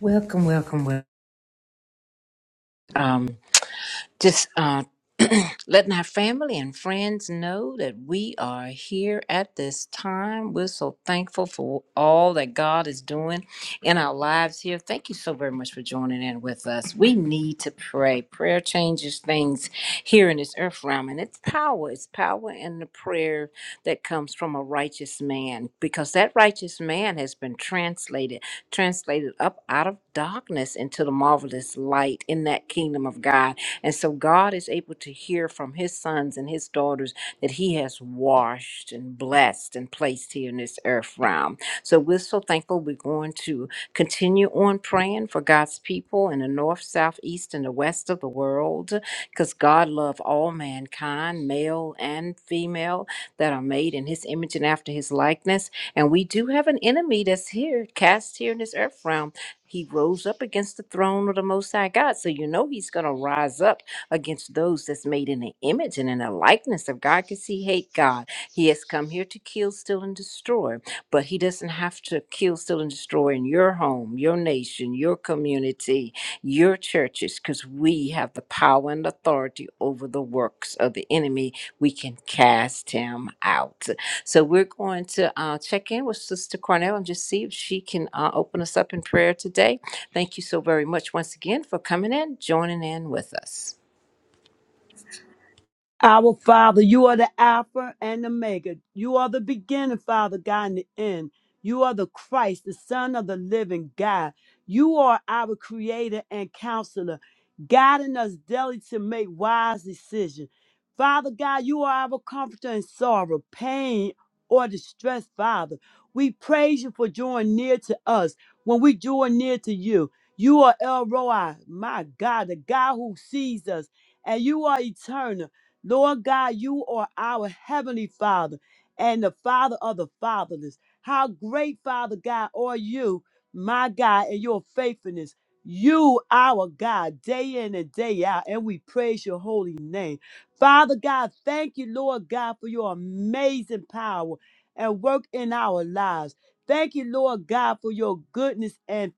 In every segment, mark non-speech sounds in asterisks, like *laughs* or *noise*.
Welcome, welcome, welcome. Um, just uh, *clears throat* letting our family and friends know that we are here at this time. We're so thankful for all that God is doing in our lives here. Thank you so very much for joining in with us. We need to pray. Prayer changes things here in this earth realm, and it's power. It's power in the prayer that comes from a righteous man, because that righteous man has been translated, translated up out of darkness into the marvelous light in that kingdom of God. And so God is able to hear from his sons and his daughters that he has washed and blessed and placed here in this earth realm. So we're so thankful. We're going to continue on praying for God's people in the north, south, east, and the west of the world because God loved all mankind, male and female, that are made in his image and after his likeness. And we do have an enemy that's here, cast here in this earth realm he rose up against the throne of the Most High God. So you know he's going to rise up against those that's made in the image and in the likeness of God because he hate God. He has come here to kill, steal, and destroy but he doesn't have to kill, steal, and destroy in your home, your nation, your community, your churches, because we have the power and authority over the works of the enemy. We can cast him out. So we're going to uh, check in with Sister Cornell and just see if she can uh, open us up in prayer today. Thank you so very much once again for coming in, joining in with us. Our Father, you are the Alpha and the Omega. You are the beginning, Father God, and the end. You are the Christ, the Son of the living God. You are our Creator and Counselor, guiding us daily to make wise decisions. Father God, you are our comforter in sorrow, pain, or distress, Father. We praise you for drawing near to us when we draw near to you. You are El Roi, my God, the God who sees us, and you are eternal. Lord God, you are our heavenly Father and the Father of the fatherless. How great, Father God, are you, my God, and your faithfulness. You, our God, day in and day out, and we praise your holy name. Father God, thank you, Lord God, for your amazing power and work in our lives. Thank you, Lord God, for your goodness and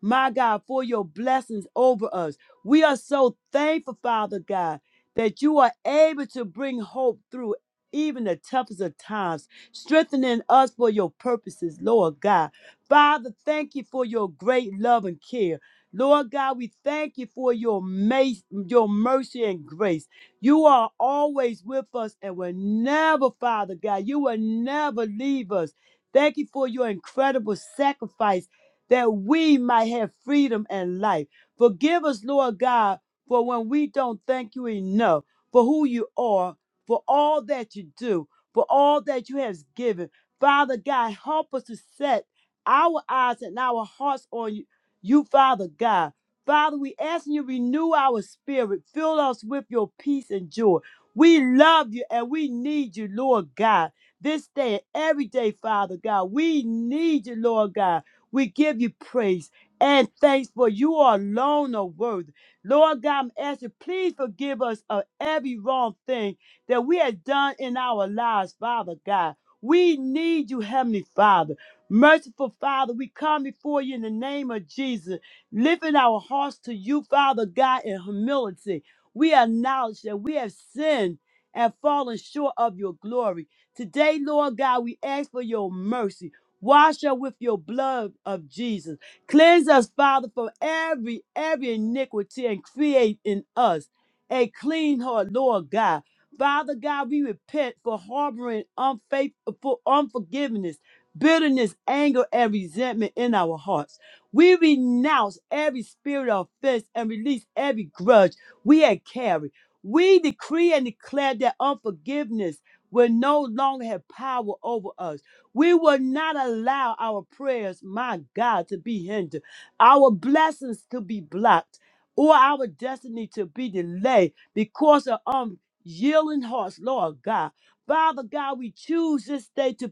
my God, for your blessings over us. We are so thankful, Father God that you are able to bring hope through even the toughest of times, strengthening us for your purposes, Lord God. Father, thank you for your great love and care. Lord God, we thank you for your, ma- your mercy and grace. You are always with us and will never, Father God, you will never leave us. Thank you for your incredible sacrifice that we might have freedom and life. Forgive us, Lord God, for when we don't thank you enough for who you are, for all that you do, for all that you have given. Father God, help us to set our eyes and our hearts on you, you Father God. Father, we ask you renew our spirit, fill us with your peace and joy. We love you and we need you, Lord God. This day and every day, Father God, we need you, Lord God. We give you praise and thanks for you are alone are worthy. Lord God, I'm asking, please forgive us of every wrong thing that we have done in our lives, Father God. We need you, Heavenly Father. Merciful Father, we come before you in the name of Jesus, lifting our hearts to you, Father God, in humility. We acknowledge that we have sinned and fallen short of your glory. Today, Lord God, we ask for your mercy. Wash us with your blood of Jesus. Cleanse us, Father, from every every iniquity and create in us a clean heart, Lord God. Father God, we repent for harboring unfaithful unforgiveness, bitterness, anger, and resentment in our hearts. We renounce every spirit of offense and release every grudge we had carried. We decree and declare that unforgiveness will no longer have power over us we will not allow our prayers, my God, to be hindered, our blessings to be blocked, or our destiny to be delayed because of unyielding hearts, Lord God. Father God, we choose this day to,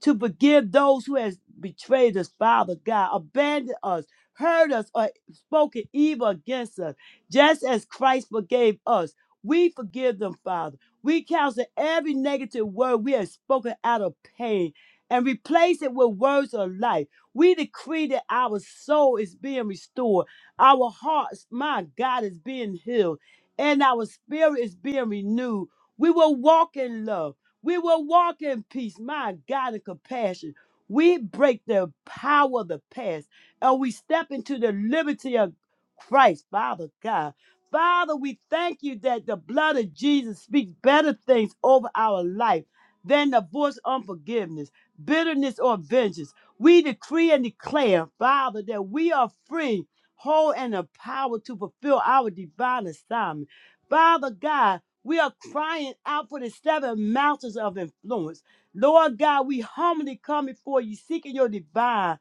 to forgive those who has betrayed us, Father God, abandoned us, hurt us, or spoken evil against us, just as Christ forgave us. We forgive them, Father. We counsel every negative word we have spoken out of pain and replace it with words of life. We decree that our soul is being restored, our hearts, my God, is being healed, and our spirit is being renewed. We will walk in love. We will walk in peace, my God, and compassion. We break the power of the past and we step into the liberty of Christ, Father God. Father, we thank you that the blood of Jesus speaks better things over our life than the voice of unforgiveness bitterness, or vengeance. We decree and declare, Father, that we are free, whole, and empowered to fulfill our divine assignment. Father God, we are crying out for the seven mountains of influence. Lord God, we humbly come before you, seeking your divine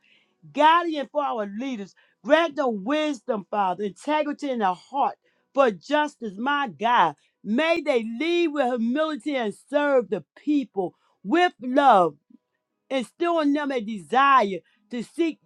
guidance for our leaders. Grant them wisdom, Father, integrity in their heart for justice, my God. May they lead with humility and serve the people with love instill in them a desire to seek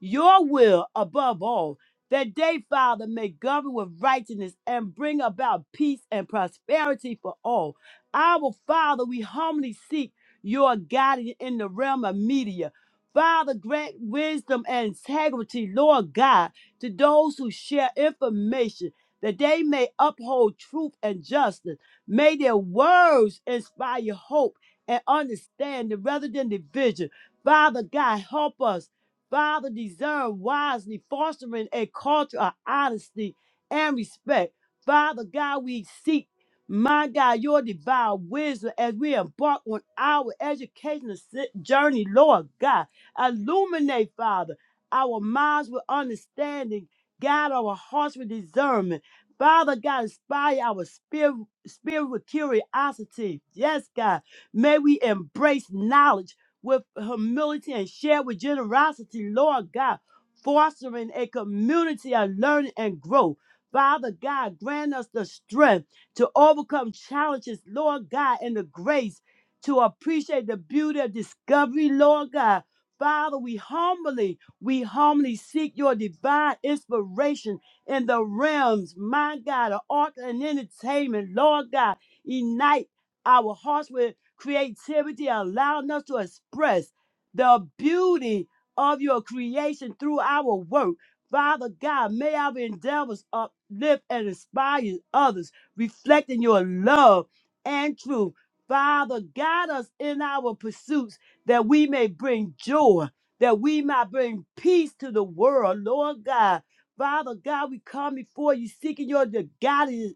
your will above all, that they, Father, may govern with righteousness and bring about peace and prosperity for all. Our Father, we humbly seek your guidance in the realm of media. Father, grant wisdom and integrity, Lord God, to those who share information, that they may uphold truth and justice. May their words inspire hope and understanding rather than division. Father God, help us. Father, discern wisely, fostering a culture of honesty and respect. Father God, we seek, my God, your divine wisdom as we embark on our educational si- journey, Lord God. Illuminate, Father, our minds with understanding, guide our hearts with discernment. Father God, inspire our spirit, spirit with curiosity. Yes, God May we embrace knowledge with humility and share with generosity, Lord God, fostering a community of learning and growth. Father God, grant us the strength to overcome challenges, Lord God, and the grace to appreciate the beauty of discovery, Lord God. Father, we humbly, we humbly seek your divine inspiration in the realms, my God, of art and entertainment, Lord God. Ignite our hearts with creativity, allowing us to express the beauty of your creation through our work. Father God, may our endeavors uplift and inspire others, reflecting your love and truth. Father, guide us in our pursuits that we may bring joy, that we might bring peace to the world, Lord God. Father God, we come before you seeking your guidance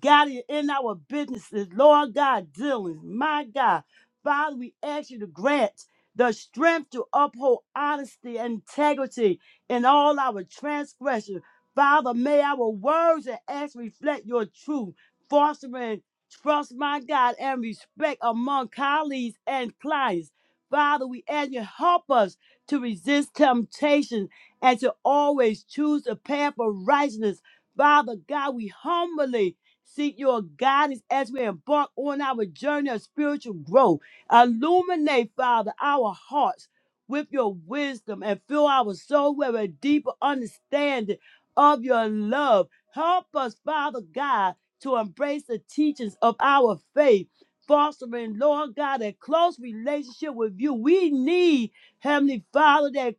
God, in our businesses, Lord God, dealings, my God. Father, we ask you to grant the strength to uphold honesty and integrity in all our transgressions. Father, may our words and acts reflect your truth, fostering trust, my God, and respect among colleagues and clients. Father, we ask you to help us to resist temptation and to always choose the path of righteousness. Father God, we humbly Seek your guidance as we embark on our journey of spiritual growth. Illuminate, Father, our hearts with your wisdom and fill our soul with a deeper understanding of your love. Help us, Father God, to embrace the teachings of our faith, fostering, Lord God, a close relationship with you. We need, Heavenly Father, that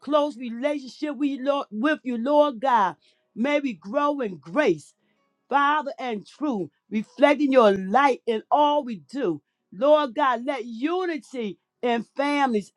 close relationship we, Lord, with you, Lord God. May we grow in grace Father, and truth, reflecting your light in all we do. Lord God, let unity in families.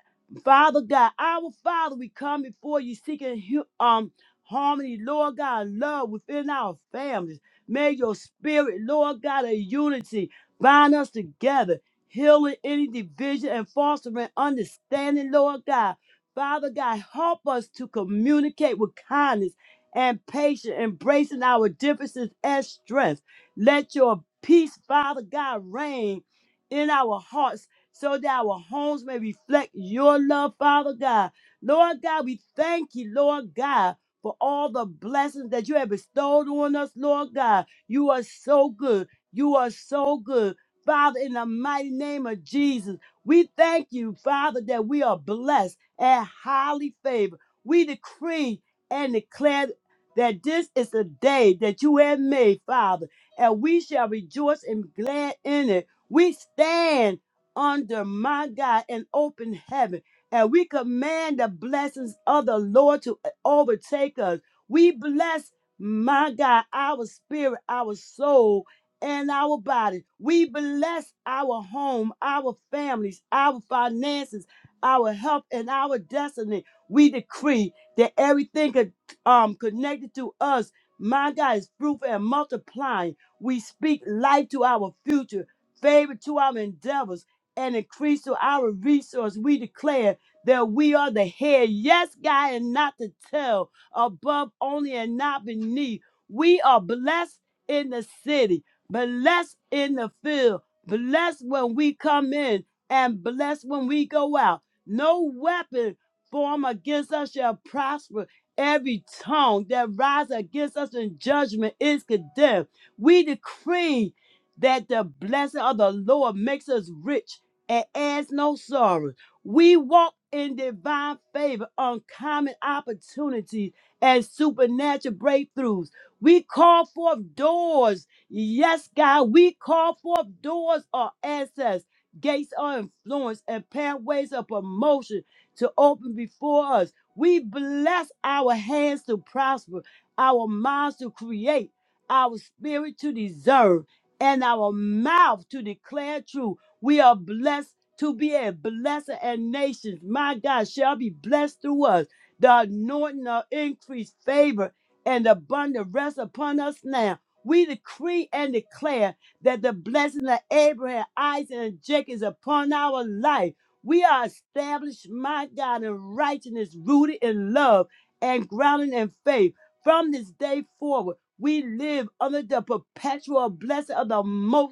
Father God, our Father, we come before you seeking hu- um harmony, Lord God, love within our families. May your spirit, Lord God, of unity bind us together, healing any division and fostering understanding, Lord God. Father God, help us to communicate with kindness and patience, embracing our differences as strength. Let your peace, Father God, reign in our hearts so that our homes may reflect your love, Father God. Lord God, we thank you, Lord God, for all the blessings that you have bestowed on us, Lord God. You are so good. You are so good. Father, in the mighty name of Jesus, we thank you, Father, that we are blessed and highly favored. We decree and declare that this is the day that you have made, Father, and we shall rejoice and be glad in it. We stand under my God an open heaven, and we command the blessings of the Lord to uh, overtake us. We bless my God, our spirit, our soul, and our body. We bless our home, our families, our finances, our health, and our destiny. We decree that everything um connected to us. My God is fruitful and multiplying. We speak life to our future, favor to our endeavors, and increase to our resource. We declare that we are the head, yes, God, and not the tail, above only and not beneath. We are blessed in the city, blessed in the field, blessed when we come in, and blessed when we go out. No weapon formed against us shall prosper Every tongue that rises against us in judgment is condemned. We decree that the blessing of the Lord makes us rich and adds no sorrow. We walk in divine favor, uncommon opportunities, and supernatural breakthroughs. We call forth doors. Yes, God, we call forth doors of access, gates of influence, and pathways of promotion to open before us. We bless our hands to prosper, our minds to create, our spirit to deserve, and our mouth to declare truth. We are blessed to be a blessing, and nations, my God, shall be blessed through us. The anointing of increased favor and abundant rest upon us now. We decree and declare that the blessing of Abraham, Isaac, and Jacob is upon our life we are established, my God, in righteousness, rooted in love and grounded in faith. From this day forward, we live under the perpetual blessing of the Most.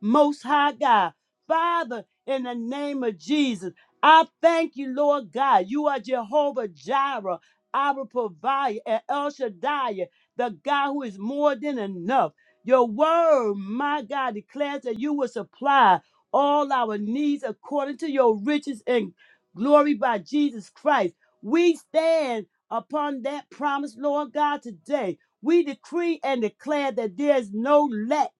Most High God. Father, in the name of Jesus, I thank you, Lord God. You are Jehovah Jireh, our provider, and El Shaddai, the God who is more than enough. Your word, my God, declares that you will supply all our needs according to your riches and glory by Jesus Christ. We stand upon that promise, Lord God, today. We decree and declare that there is no lack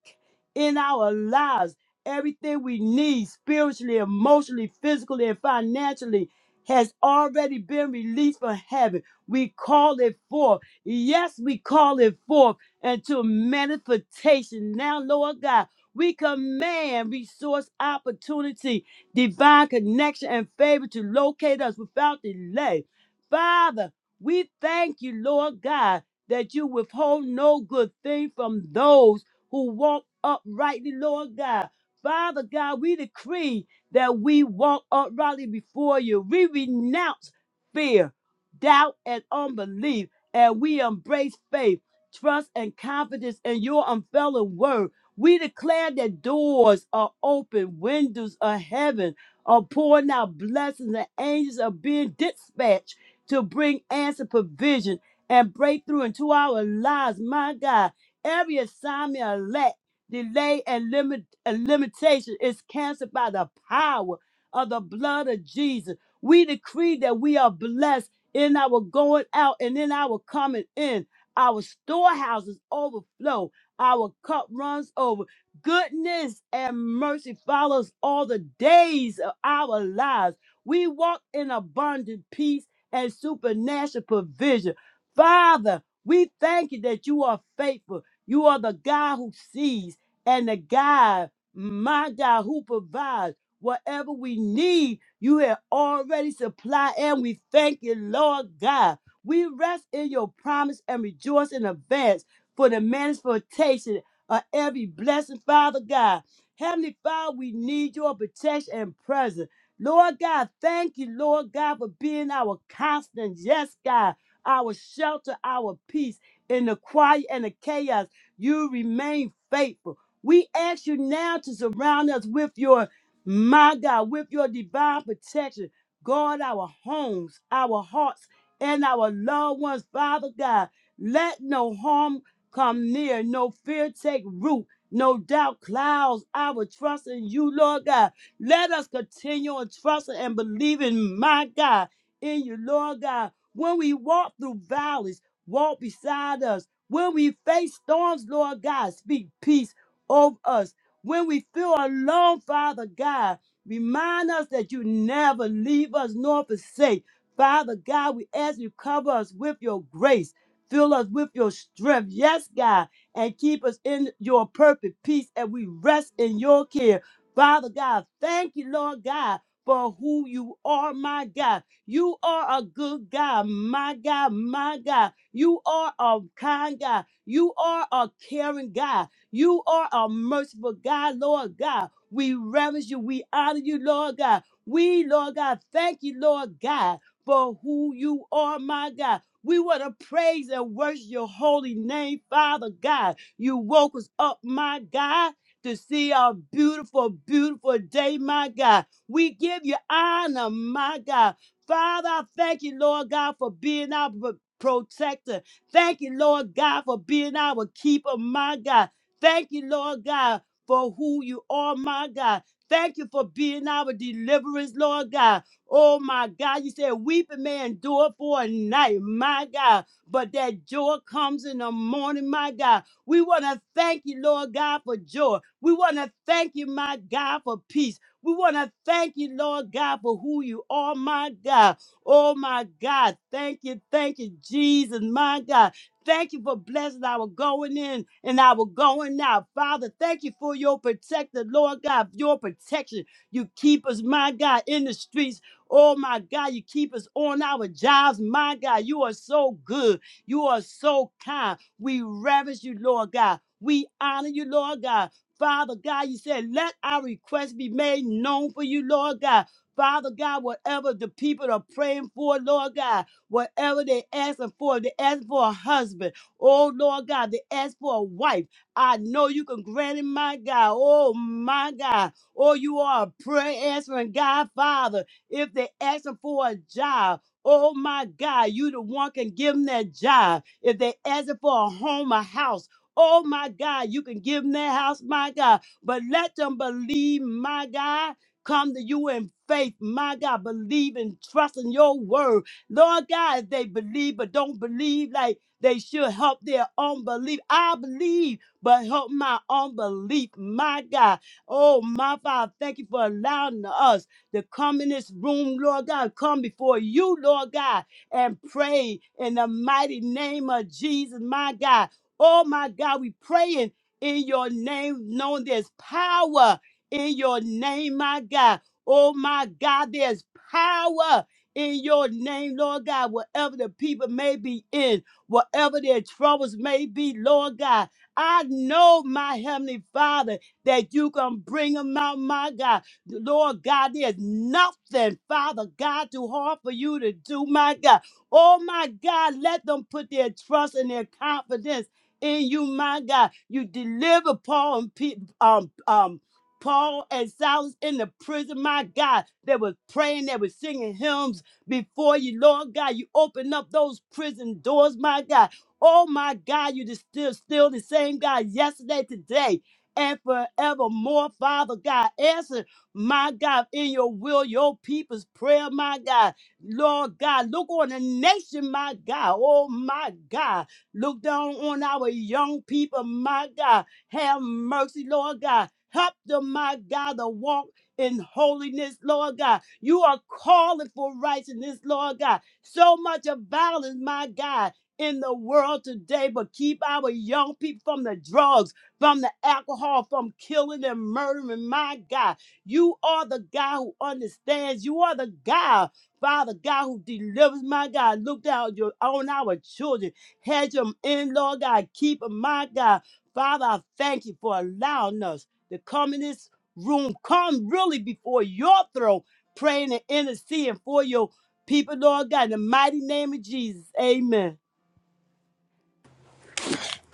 in our lives. Everything we need spiritually, emotionally, physically, and financially has already been released from heaven. We call it forth. Yes, we call it forth into manifestation. Now, Lord God, we command resource opportunity, divine connection, and favor to locate us without delay. Father, we thank you, Lord God, that you withhold no good thing from those who walk uprightly, Lord God. Father God, we decree that we walk uprightly before you. We renounce fear, doubt, and unbelief, and we embrace faith, trust, and confidence in your unfailing word. We declare that doors are open, windows of heaven are pouring out blessings, and angels are being dispatched to bring answer, provision, and breakthrough into our lives, my God. Every assignment of lack, delay, and limit, and limitation is canceled by the power of the blood of Jesus. We decree that we are blessed in our going out and in our coming in. Our storehouses overflow. Our cup runs over. Goodness and mercy follows all the days of our lives. We walk in abundant peace and supernatural provision. Father, we thank you that you are faithful you are the God who sees and the God, my God, who provides whatever we need. You have already supplied, and we thank you, Lord God. We rest in your promise and rejoice in advance for the manifestation of every blessing, Father God. Heavenly Father, we need your protection and presence. Lord God, thank you, Lord God, for being our constant, yes, God, our shelter, our peace in the quiet and the chaos. You remain faithful. We ask you now to surround us with your, my God, with your divine protection. Guard our homes, our hearts, and our loved ones, Father God. Let no harm come near, no fear take root, no doubt clouds our trust in you, Lord God. Let us continue on trusting and believing, my God, in you, Lord God. When we walk through valleys, walk beside us when we face storms, Lord God, speak peace over us. When we feel alone, Father God, remind us that you never leave us nor forsake. Father God, we ask you cover us with your grace. Fill us with your strength, yes, God, and keep us in your perfect peace and we rest in your care. Father God, thank you, Lord God, for who you are, my God. You are a good God, my God, my God. You are a kind God. You are a caring God. You are a merciful God, Lord God. We reverence you. We honor you, Lord God. We, Lord God, thank you, Lord God, for who you are, my God. We want to praise and worship your holy name, Father God. You woke us up, my God, to see our beautiful, beautiful day, my God. We give you honor, my God. Father, I thank you, Lord God, for being our protector. Thank you, Lord God, for being our keeper, my God. Thank you, Lord God, for who you are, my God. Thank you for being our deliverance, Lord God. Oh my God, you said weeping may endure for a night, my God, but that joy comes in the morning, my God. We want to thank you, Lord God, for joy. We want to thank you, my God, for peace. We want to thank you, Lord God, for who you are, my God. Oh my God. Thank you. Thank you, Jesus. My God. Thank you for blessing our going in and our going out. Father, thank you for your protector, Lord God, your protection. You keep us, my God, in the streets. Oh my God, you keep us on our jobs. My God, you are so good. You are so kind. We reverence you, Lord God. We honor you, Lord God. Father God, you said, let our request be made known for you, Lord God. Father God, whatever the people are praying for, Lord God, whatever they asking for, they asking for a husband. Oh, Lord God, they ask for a wife. I know you can grant it, my God. Oh, my God. Oh, you are a prayer answering God, Father. If they asking for a job, oh, my God, you the one can give them that job. If they asking for a home, a house, Oh my God, you can give them that house, my God, but let them believe, my God come to you in faith, my God, believe and trust in your word. Lord God, if they believe but don't believe like they should, help their unbelief. I believe, but help my unbelief, my God. Oh, my Father, thank you for allowing us to come in this room, Lord God, come before you, Lord God, and pray in the mighty name of Jesus, my God. Oh, my God, we praying in your name, knowing there's power in your name, my God. Oh, my God, there's power in your name, Lord God, Whatever the people may be in, whatever their troubles may be, Lord God. I know, my Heavenly Father, that you can bring them out, my God. Lord God, there's nothing, Father God, too hard for you to do, my God. Oh, my God, let them put their trust and their confidence in you, my God. You deliver Paul and Pe- um, um. Paul and Silas in the prison, my God, they was praying, they was singing hymns before you, Lord God. You open up those prison doors, my God. Oh my God, you just still still the same God yesterday, today, and forevermore, Father God. Answer, my God, in your will, your people's prayer, my God. Lord God, look on the nation, my God. Oh my God. Look down on our young people, my God. Have mercy, Lord God. Help them, my God, to walk in holiness, Lord God. You are calling for righteousness, Lord God. So much of violence, my God, in the world today, but keep our young people from the drugs, from the alcohol, from killing and murdering, my God. You are the God who understands. You are the God, Father God, who delivers, my God. Look down your, on our children. Hedge them in, Lord God. Keep them, my God. Father, I thank you for allowing us to come in this room, come really before your throne, praying and interceding for your people, Lord God, in the mighty name of Jesus. Amen.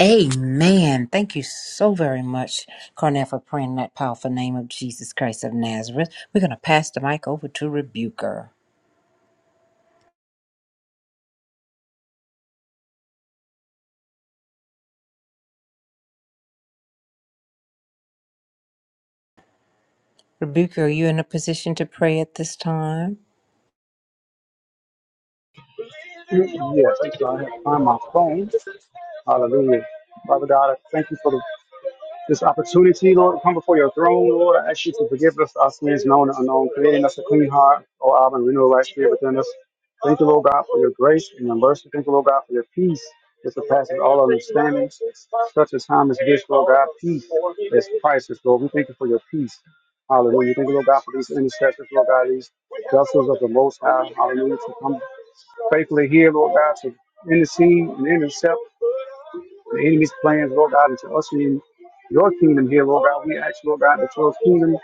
Amen. Thank you so very much, Carnell, for praying in that powerful name of Jesus Christ of Nazareth. We're going to pass the mic over to Rebuker. Rebuker, are you in a position to pray at this time? Yes, I have found my phone. Hallelujah. Father God, I thank you for the this opportunity, Lord, come before your throne, Lord. I ask you to forgive us our sins, known and unknown, creating us a clean heart, O Abba, and renew a right spirit within us. Thank you, Lord God, for your grace and your mercy. Thank you, Lord God, for your peace that surpasses all understanding. Such a time as this, Lord God, peace is priceless, Lord. We thank you for your peace. Hallelujah. Thank you, Lord God, for these intercessors, Lord God, these vessels of the Most High. Hallelujah. To come faithfully here, Lord God, to intercede and intercept the enemy's plans, Lord God, and to usher in your kingdom here, Lord God. We ask, Lord God, that your kingdom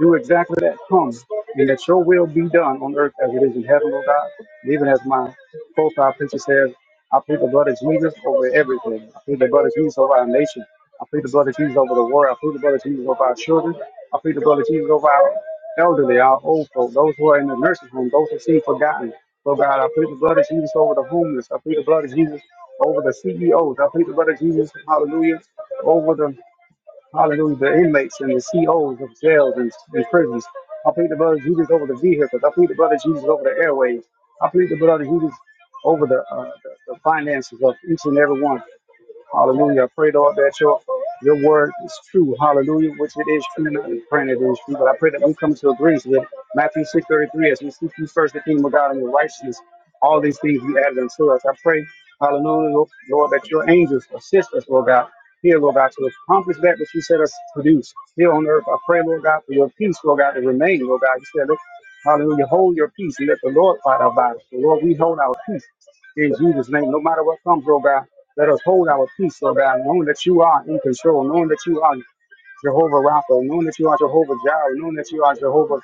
do exactly that come and that your will be done on earth as it is in heaven, Lord God. And even as my profile picture says, I plead the blood of Jesus over everything. I plead the blood of Jesus over our nation. I plead the blood of Jesus over the world. I plead the blood of Jesus over our children. I plead the blood of Jesus over our elderly, our old folk, those who are in the nursing home, those who seem forgotten. Lord God, I plead the blood of Jesus over the homeless. I plead the blood of Jesus over the CEOs. I plead the blood of Jesus, hallelujah, over the Hallelujah. The inmates and the COs of jails and, and prisons. I plead the blood of Jesus over the vehicles. I plead the blood of Jesus over the airways. I plead the blood of Jesus over the, uh, the, the finances of each and every one. Hallelujah. I pray, Lord, that your, your word is true. Hallelujah. Which it is true. Not in praying it is true, but I pray that we come to agree with Matthew 6.33 as we seek you first, the kingdom of God and your righteousness. All these things you added unto us. I pray, hallelujah, Lord, Lord, that your angels assist us, Lord God. Here, Lord God, to accomplish that which you set us to produce here on earth. I pray, Lord God, for your peace, Lord God, to remain, Lord God. You said it. Hallelujah. Hold your peace and let the Lord fight our battles. So Lord, we hold our peace in Jesus' name. No matter what comes, Lord God, let us hold our peace, Lord God, knowing that you are in control, knowing that you are Jehovah Rapha, knowing that you are Jehovah Jireh, knowing that you are Jehovah,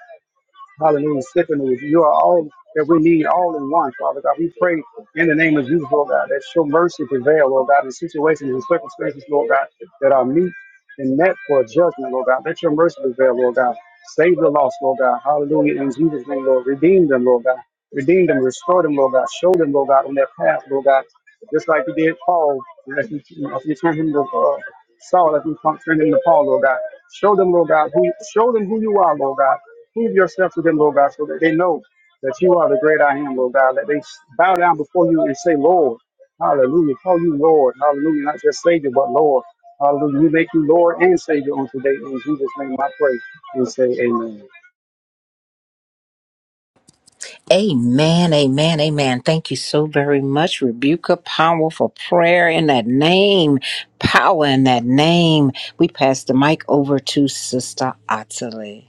hallelujah, Siphonus. You are all that we need, all in one, Father God. We pray in the name of Jesus, Lord God, that your mercy prevail, Lord God, in situations and circumstances, Lord God, that are meet and met for judgment, Lord God. Let your mercy prevail, Lord God. Save the lost, Lord God. Hallelujah. In Jesus' name, Lord. Redeem them, Lord God. Redeem them, restore them, Lord God. Show them, Lord God, on their path, Lord God. Just like you did Paul, as you, as you turned him to uh, Saul, as you turned him to Paul, Lord God. Show them, Lord God, who show them who you are, Lord God. Prove yourself to them, Lord God, so that they know that you are the great I am, Lord God. That they bow down before you and say, Lord, hallelujah. Call you Lord, hallelujah. Not just Savior, but Lord. Hallelujah. We make you Lord and Savior on today. In Jesus' name I pray and say amen. Amen, amen, amen. Thank you so very much, Rebuker. Powerful prayer in that name, power in that name. We pass the mic over to Sister Ottilie.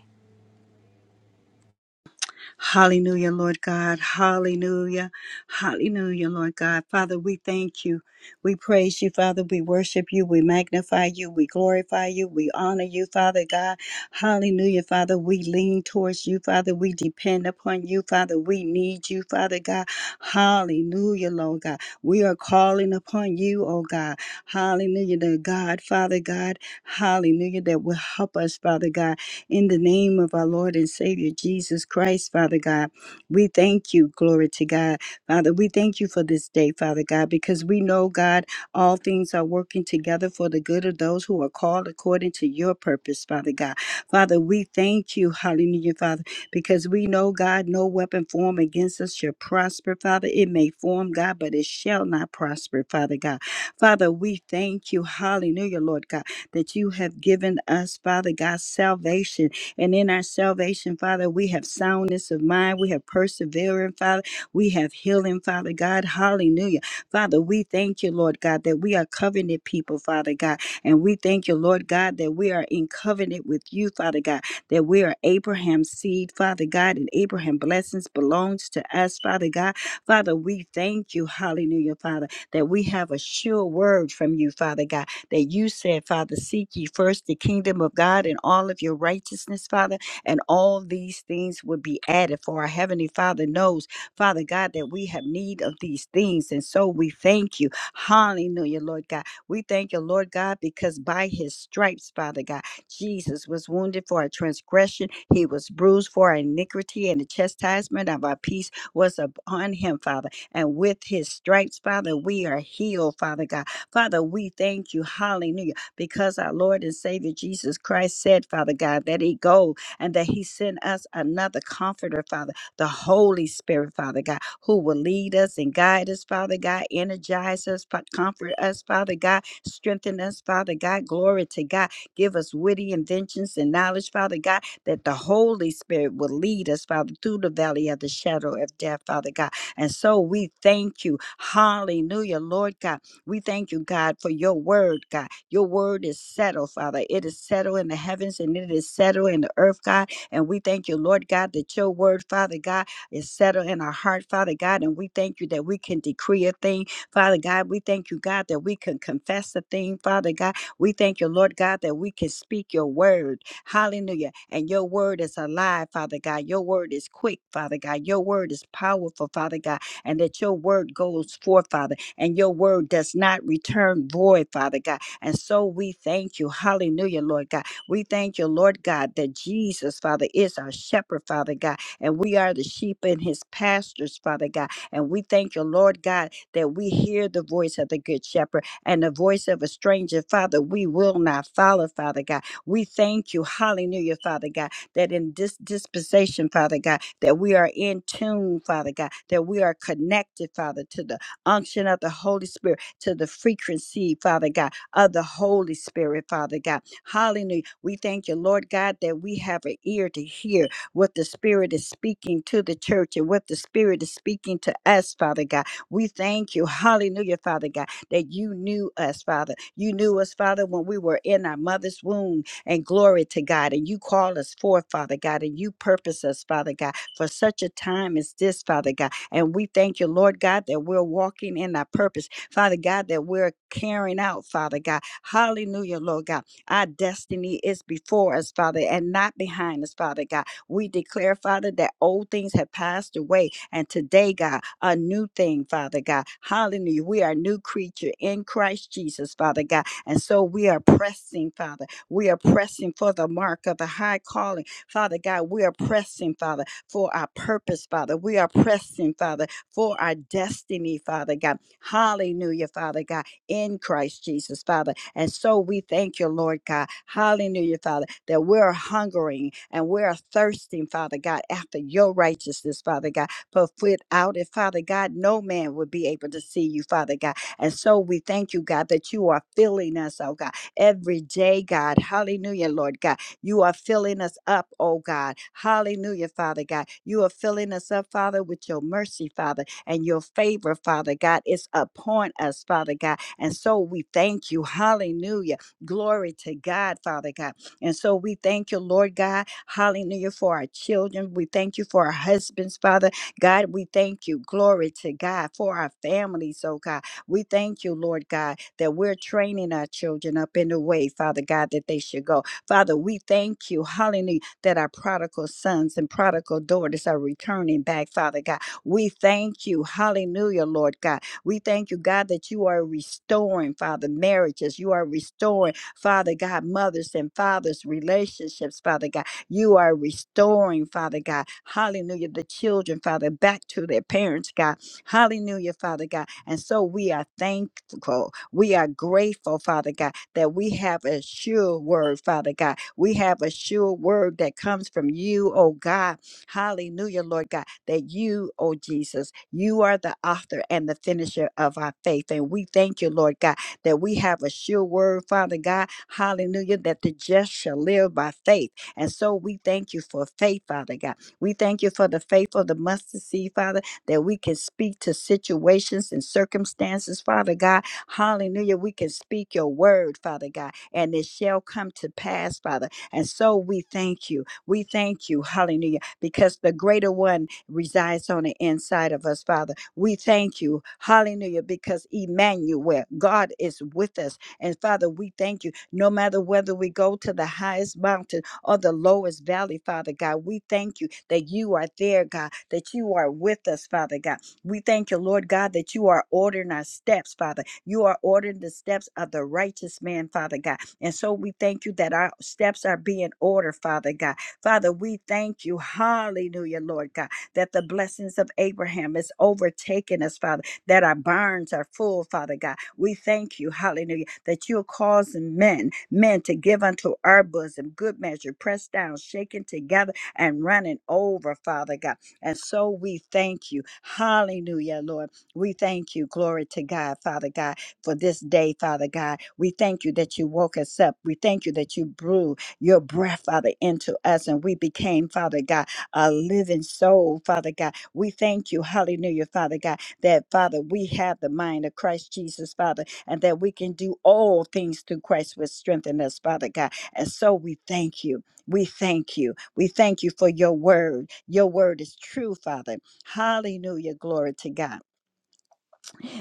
Hallelujah, Lord God. Hallelujah. Hallelujah, Lord God. Father, we thank you. We praise you, Father. We worship you. We magnify you. We glorify you. We honor you, Father God. Hallelujah, Father. We lean towards you, Father. We depend upon you, Father. We need you, Father God. Hallelujah, Lord God. We are calling upon you, oh God. Hallelujah, the God, Father God. Hallelujah, that will help us, Father God. In the name of our Lord and Savior Jesus Christ, Father God, we thank you, glory to God. Father, we thank you for this day, Father God, because we know, God, all things are working together for the good of those who are called according to your purpose, Father God. Father, we thank you, hallelujah, Father, because we know, God, no weapon formed against us shall prosper, Father. It may form, God, but it shall not prosper, Father God. Father, we thank you, hallelujah, Lord God that you have given us, Father God, salvation. And in our salvation, Father, we have soundness of mind, we have perseverance, Father, we have healing, Father God. Hallelujah. Father, we thank you, Lord God, that we are covenant people, Father God. And we thank you, Lord God, that we are in covenant with you, Father God, that we are Abraham's seed, Father God, and Abraham's blessings belongs to us, Father God. Father, we thank you, hallelujah, Father, that we have a sure word from you, Father God that you said, Father, seek ye first the kingdom of God and all of your righteousness, Father, and all these things will be added. For our Heavenly Father knows, Father God, that we have need of these things. And so we thank you. Hallelujah, Lord God. We thank you, Lord God, because by his stripes, Father God, Jesus was wounded for our transgression, he was bruised for our iniquity, and the chastisement of our peace was upon him, Father. And with his stripes, Father, we are healed, Father God. Father, we thank you, hallelujah, because our Lord and Savior Jesus Christ said, Father God, that He go and that He sent us another comforter, Father, the Holy Spirit, Father God, who will lead us and guide us, Father God, energize us, fa- comfort us, Father God, strengthen us, Father God, glory to God, give us witty inventions and knowledge, Father God, that the Holy Spirit will lead us, Father, through the valley of the shadow of death, Father God. And so we thank you, hallelujah, Lord God we thank you, God, for your word, God. Your word is settled, Father. It is settled in the heavens and it is settled in the earth, God. And we thank you, Lord God, that your word, Father God, is settled in our heart, Father God. And we thank you that we can decree a thing, Father God. We thank you, God, that we can confess a thing, Father God. We thank you, Lord God, that we can speak your word. Hallelujah. And your word is alive, Father God. Your word is quick, Father God. Your word is powerful, Father God. And that your word goes forth, Father and your word does not return void, Father God. And so we thank you. Hallelujah, Lord God. We thank you, Lord God, that Jesus, Father, is our shepherd, Father God, and we are the sheep in his pastures, Father God. And we thank you, Lord God, that we hear the voice of the good shepherd and the voice of a stranger, Father, we will not follow, Father God. We thank you, hallelujah, Father God, that in this dispensation, Father God, that we are in tune, Father God, that we are connected, Father, to the unction of the Holy Spirit to the frequency, Father God, of the Holy Spirit, Father God. Hallelujah. We thank you, Lord God, that we have an ear to hear what the Spirit is speaking to the church and what the Spirit is speaking to us, Father God. We thank you, hallelujah, Father God, that you knew us, Father. You knew us, Father, when we were in our mother's womb, and glory to God. And you call us forth, Father God, and you purpose us, Father God, for such a time as this, Father God. And we thank you, Lord God, that we're walking in our purpose. Father God, that we're carrying out, Father God. Hallelujah, Lord God. Our destiny is before us, Father, and not behind us, Father God. We declare, Father, that old things have passed away. And today, God, a new thing, Father God. Hallelujah. We are a new creature in Christ Jesus, Father God. And so we are pressing, Father. We are pressing for the mark of the high calling, Father God. We are pressing, Father for our purpose, Father. We are pressing, Father, for our destiny, Father God. Hallelujah, Father God, in Christ Jesus, Father. And so we thank you, Lord God. Hallelujah, Father, that we're hungering and we're thirsting, Father God, after your righteousness, Father God. But without it, Father God, no man would be able to see you, Father God. And so we thank you, God, that you are filling us, oh God, every day, God. Hallelujah, Lord God you are filling us up, oh God. Hallelujah, Father God. You are filling us up, Father, with your mercy, Father, and your favor, Father God. It's upon us, Father God. And so we thank you. Hallelujah. Glory to God, Father God. And so we thank you, Lord God. Hallelujah, for our children. We thank you for our husbands, Father. God, we thank you. Glory to God for our families, oh God. We thank you, Lord God, that we're training our children up in the way, Father God, that they should go. Father, we thank you, hallelujah, that our prodigal sons and prodigal daughters are returning back, Father God. We thank you, hallelujah, Lord God. We thank you, God, that you are restoring, Father, marriages. You are restoring, Father God, mothers and fathers' relationships, Father God. You are restoring, Father God, hallelujah, the children, Father, back to their parents, God. Hallelujah, Father God. And so we are thankful. We are grateful, Father God that we have a sure word, Father God. We have a sure word that comes from you, oh God. Hallelujah, Lord God, that you, oh Jesus, you are the author and the finisher of our faith. And we thank you, Lord God, that we have a sure word, Father God. Hallelujah, that the just shall live by faith. And so we thank you for faith, Father God. We thank you for the faith of the mustard seed, Father, that we can speak to situations and circumstances, Father God Hallelujah. We can speak your word, Father God, and it shall come to pass, Father. And so we thank you. We thank you, hallelujah, because the greater one resides on the inside of us, Father. We thank you, hallelujah, because Emmanuel, God is with us. And Father, we thank you. No matter whether we go to the highest mountain or the lowest valley, Father God, we thank you that you are there, God, that you are with us, Father God we thank you, Lord God, that you are ordering our steps, Father. You are ordering the steps of the righteous man, Father God. And so we thank you that our steps are being ordered, Father God. Father, we thank you, hallelujah, Lord God, that the blessings of Abraham is overtaking us, Father, that our barns are full, Father God. We thank you, hallelujah, that you're causing men, men to give unto our bosom good measure, pressed down, shaken together, and running over, Father God. And so we thank you. Hallelujah, Lord. We thank you. Glory to God, Father God, for this day, Father God. We thank you that you woke us up. We thank you that you blew your breath, Father, into us and we became, Father God, a living soul, Father God. We thank you, hallelujah, Father God, that, Father, we have the mind of Christ Jesus, Father, and that we can do all things through Christ which strengthen us, Father God. And so we thank you. We thank you. We thank you for your word. Your word is true, Father. Hallelujah. Glory to God.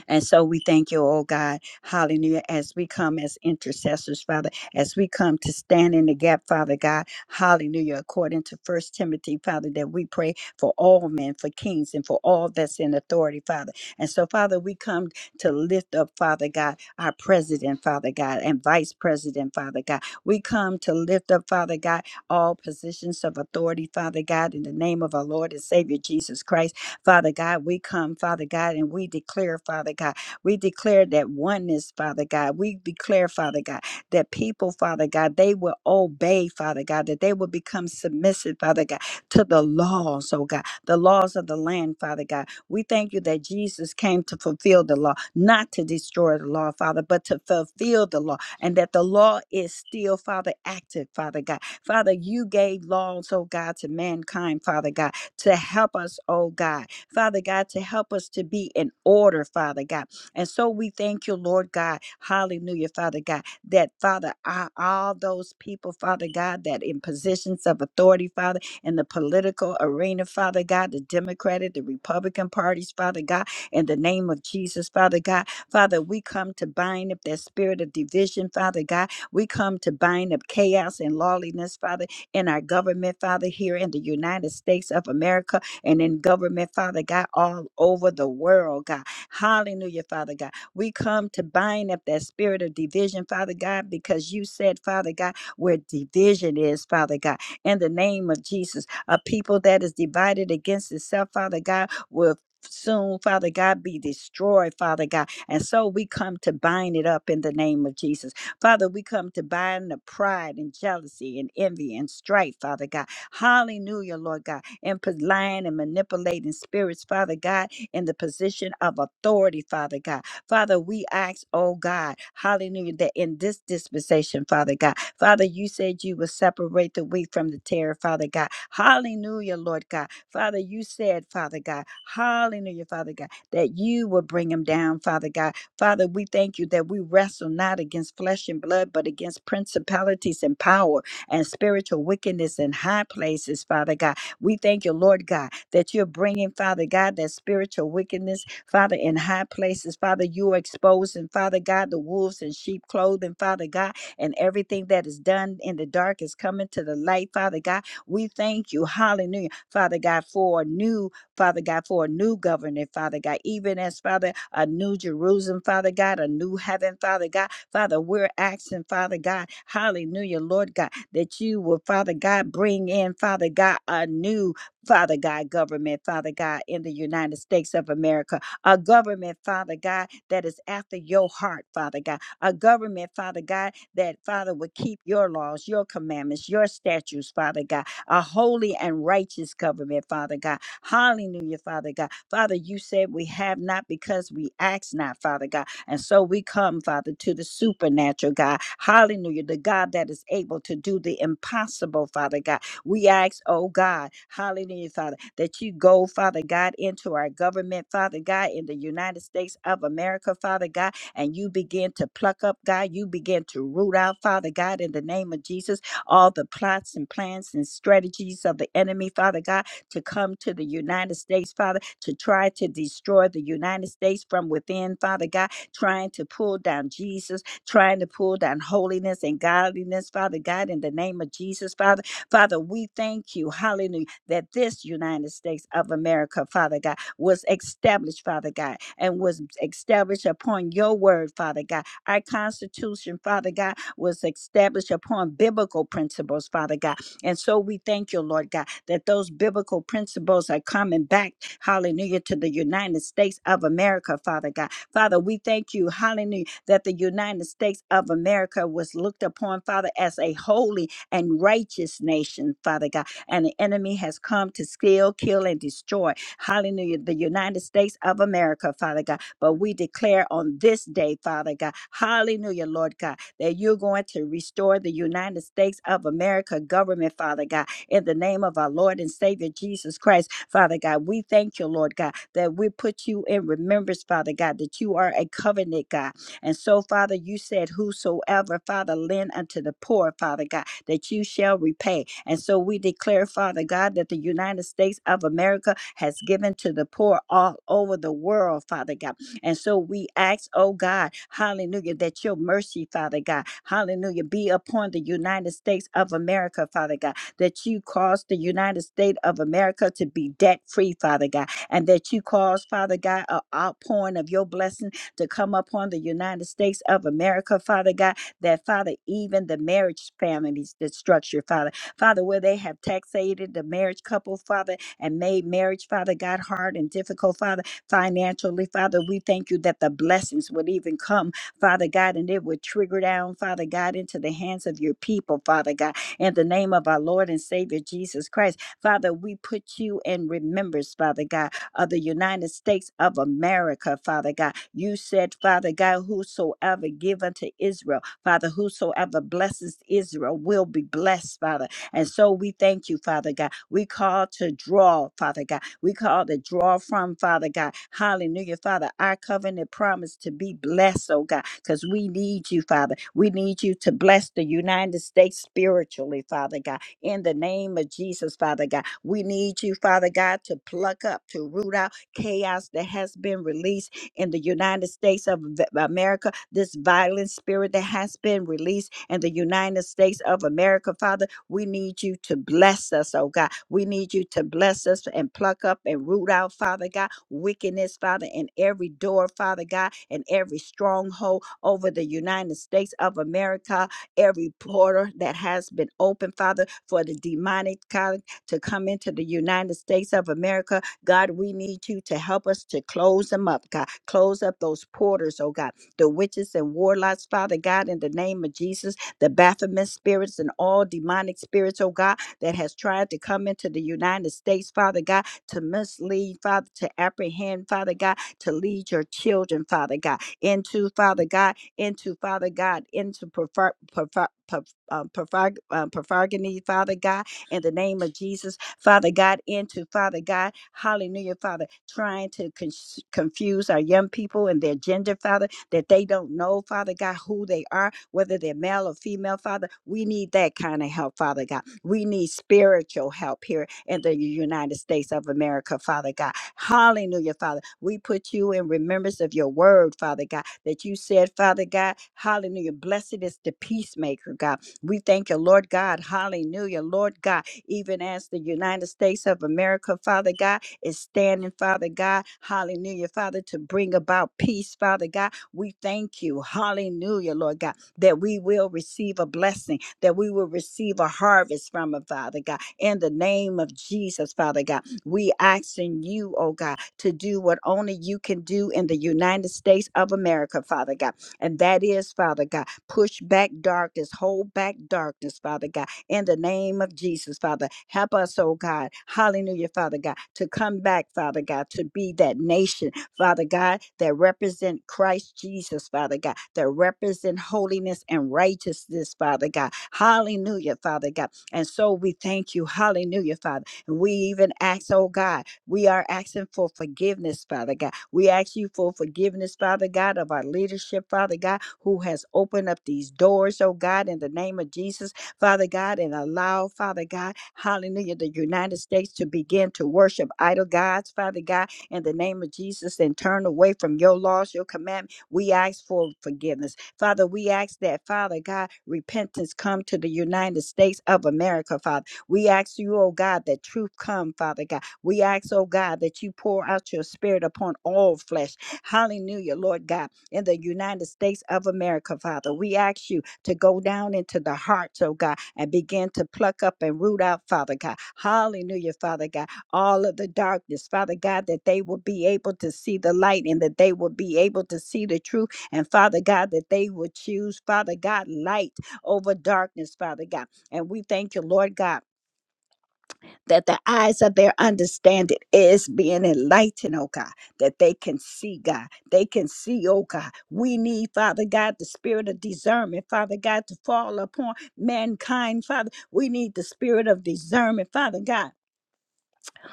And so we thank you, oh God. Hallelujah. As we come as intercessors, Father, as we come to stand in the gap, Father God. Hallelujah. According to First Timothy, Father, that we pray for all men, for kings, and for all that's in authority, Father. And so, Father, we come to lift up, Father God, our president, Father God, and vice president, Father God. We come to lift up, Father God, all positions of authority, Father God, in the name of our Lord and Savior Jesus Christ. Father God, we come, Father God, and we declare, Father God, we declare that oneness, Father God. We declare, Father God, that people, Father God, they will obey, Father God, that they will become submissive, Father God, to the laws, oh God, the laws of the land, Father God. We thank you that Jesus came to fulfill the law, not to destroy the law, Father, but to fulfill the law, and that the law is still, Father, active, Father God. Father, you gave laws, oh God, to mankind, Father God, to help us, oh God Father God, to help us to be in order, Father God. And so we thank you, Lord God. Hallelujah, Father God, that Father, I- all those people, Father God, that in positions of authority, Father, in the political arena, Father God, the Democratic, the Republican parties, Father God, in the name of Jesus, Father God, Father, we come to bind up that spirit of division, Father God. We come to bind up chaos and lawlessness, Father, in our government, Father, here in the United States of America and in government, Father God, all over the world, God. Hallelujah, Father God. We come to bind up that spirit of division, Father God, because you said, Father God, where division is, Father God, in the name of Jesus, a people that is divided against itself, Father God, will soon, Father God, be destroyed, Father God. And so we come to bind it up in the name of Jesus. Father, we come to bind the pride and jealousy and envy and strife, Father God. Hallelujah, Lord God and put lying and manipulating spirits, Father God, in the position of authority, Father God. Father, we ask, oh God, hallelujah, that in this dispensation, Father God, Father, you said you would separate the wheat from the tare, Father God. Hallelujah, Lord God. Father, you said, Father God, hallelujah, Father God, that you would bring them down, Father God. Father, we thank you that we wrestle not against flesh and blood, but against principalities and power and spiritual wickedness in high places, Father God. We thank you, Lord God, that you're bringing, Father God, that spiritual wickedness, Father, in high places. Father, you are exposing, Father God, the wolves in sheep clothing, Father God, and everything that is done in the dark is coming to the light, Father God. We thank you, hallelujah, Father God, for a new, Father God, for a new governor, Father God, even as, Father, a new Jerusalem, Father God, a new heaven, Father God. Father, we're asking, Father God, hallelujah, Lord God that you will, Father God, bring in, Father God, a new, Father God, government, Father God, in the United States of America, a government, Father God, that is after your heart, Father God, a government, Father God, that, Father, would keep your laws, your commandments, your statutes, Father God, a holy and righteous government, Father God. Hallelujah, Father God. Father, you said we have not because we ask not, Father God. And so we come, Father, to the supernatural God. Hallelujah. The God that is able to do the impossible, Father God. We ask, oh God, hallelujah, Father, that you go, Father God, into our government, Father God, in the United States of America, Father God, and you begin to pluck up, God. You begin to root out, Father God, in the name of Jesus, all the plots and plans and strategies of the enemy, Father God, to come to the United States, Father, to try to destroy the United States from within, Father God trying to pull down Jesus, trying to pull down holiness and godliness, Father God, in the name of Jesus, Father. Father, we thank you, hallelujah, that this United States of America, Father God, was established, Father God, and was established upon your word, Father God. Our Constitution, Father God, was established upon biblical principles, Father God. And so we thank you, Lord God, that those biblical principles are coming back, hallelujah, to the United States of America, Father God Father, we thank you, hallelujah, that the United States of America was looked upon, Father, as a holy and righteous nation, Father God. And the enemy has come to steal, kill, and destroy, hallelujah, the United States of America, Father God. But we declare on this day, Father God, hallelujah, Lord God, that you're going to restore the United States of America government, Father God, in the name of our Lord and Savior Jesus Christ. Father God. We thank you, Lord God, that we put you in remembrance, Father God, that you are a covenant God. And so, Father, you said, Whosoever, Father, lend unto the poor, Father God, that you shall repay. And so we declare, Father God, that the United States of America has given to the poor all over the world, Father God. And so we ask, oh God, hallelujah, that your mercy, Father God, hallelujah, be upon the United States of America, Father God that you caused the United States of America to be debt free, Father God, and that you caused, Father God, an outpouring of your blessing to come upon the United States of America, Father God, that, Father, even the marriage families, the structure, Father, Father, where they have taxated the marriage couple, Father, and made marriage, Father God, hard and difficult, Father, financially, Father, we thank you that the blessings would even come Father God, and it would trigger down, Father God, into the hands of your people, Father God in the name of our Lord and Savior Jesus Christ. Father, we put you in remembrance, Father God, of the United States of America, Father God. You said, Father God, whosoever give unto Israel, Father, whosoever blesses Israel will be blessed, Father. And so we thank you, Father God. We call to draw, Father God. We call to draw from, Father God. Hallelujah, Father. Our covenant promise to be blessed, oh God, because we need you, Father. We need you to bless the United States spiritually, Father God. In the name of Jesus, Father God. We need you, Father God, to pluck up, to root out chaos that has been released in the United States of V- America, this violent spirit that has been released in the United States of America, Father. We need you to bless us, oh God. We need you to bless us and pluck up and root out, Father God, wickedness, Father, in every door, Father God, and every stronghold over the United States of America, every portal that has been opened, Father, for the demonic God to come into the United States of America. God, we need you to help us to close them up, God. Close up those porters, oh God. The witches and warlocks, Father God, in the name of Jesus the Baphomet spirits and all demonic spirits, oh God, that has tried to come into the United States, Father God, to mislead, Father, to apprehend, Father God, to lead your children, Father God, into, Father God, into, Father God, into prefer, prefer, per- uh, perfer- uh, perfargony, Father God, in the name of Jesus, Father God, into, Father God, hallelujah, Father, trying to con- confuse our young people and their gender, Father, that they don't know, Father God, who they are, whether they're male or female, Father. We need that kind of help, Father God. We need spiritual help here in the United States of America, Father God. Hallelujah, Father. We put you in remembrance of your word, Father God, that you said, Father God, hallelujah. Blessed is the peacemaker, God. We thank you, Lord God. Hallelujah, Lord God. Even as the United States of America, Father God, is standing, Father God, hallelujah, Father, to bring about peace, Father God we thank you, hallelujah, Lord God, that we will receive a blessing, that we will receive a harvest from it, Father God. In the name of Jesus, Father God, we asking you, oh God, to do what only you can do in the United States of America, Father God. And that is, Father God, push back darkness, hold back darkness, Father God, in the name of Jesus, Father. Help us, oh God, hallelujah, Father God, to come back, Father God, to be that nation Father God, that represent Christ Jesus, Father God, that represent holiness and righteousness, Father God. Hallelujah, Father God. And so we thank you. Hallelujah, Father. And we even ask, oh God, we are asking for forgiveness, Father God. We ask you for forgiveness, Father God, of our leadership, Father God, who has opened up these doors, oh God, in the name of Jesus, Father God, and allow, Father God, hallelujah, the United States to begin to worship idol gods, Father God, in the name of Jesus and turn away from your laws, your commandment. We ask for forgiveness. Father, we ask that, Father God, repentance come to the United States of America, Father. We ask you, oh God, that truth come, Father God. We ask, oh God, that you pour out your spirit upon all flesh. Hallelujah, Lord God, in the United States of America, Father. We ask you to go down into the hearts, oh God, and begin to pluck up and root out, Father God. Hallelujah, Father God all of the darkness, Father God, that they will be able to see the light and that they will be able to see the truth. And Father God, that they will choose, Father God, light over darkness, Father God. And we thank you, Lord God, that the eyes of their understanding is being enlightened, oh God, that they can see, God. They can see, oh God. We need, Father God, the spirit of discernment, Father God, to fall upon mankind, Father. We need the spirit of discernment, Father God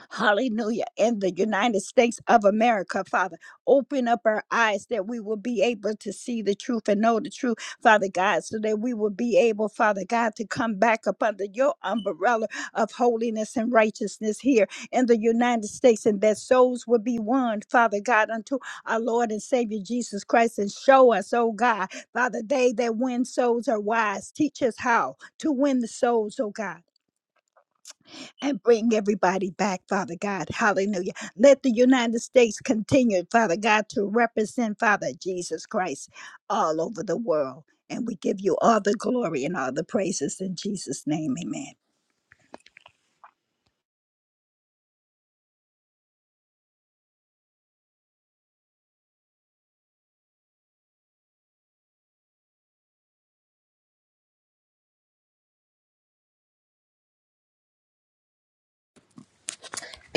Hallelujah. In the United States of America, Father, open up our eyes that we will be able to see the truth and know the truth, Father God, so that we will be able, Father God, to come back up under your umbrella of holiness and righteousness here in the United States, and that souls will be won, Father God, unto our Lord and Savior Jesus Christ. And show us, oh God, Father, they that win souls are wise. Teach us how to win the souls, oh God and bring everybody back, Father God. Hallelujah. Let the United States continue, Father God, to represent Father Jesus Christ all over the world. And we give you all the glory and all the praises in Jesus' name. Amen.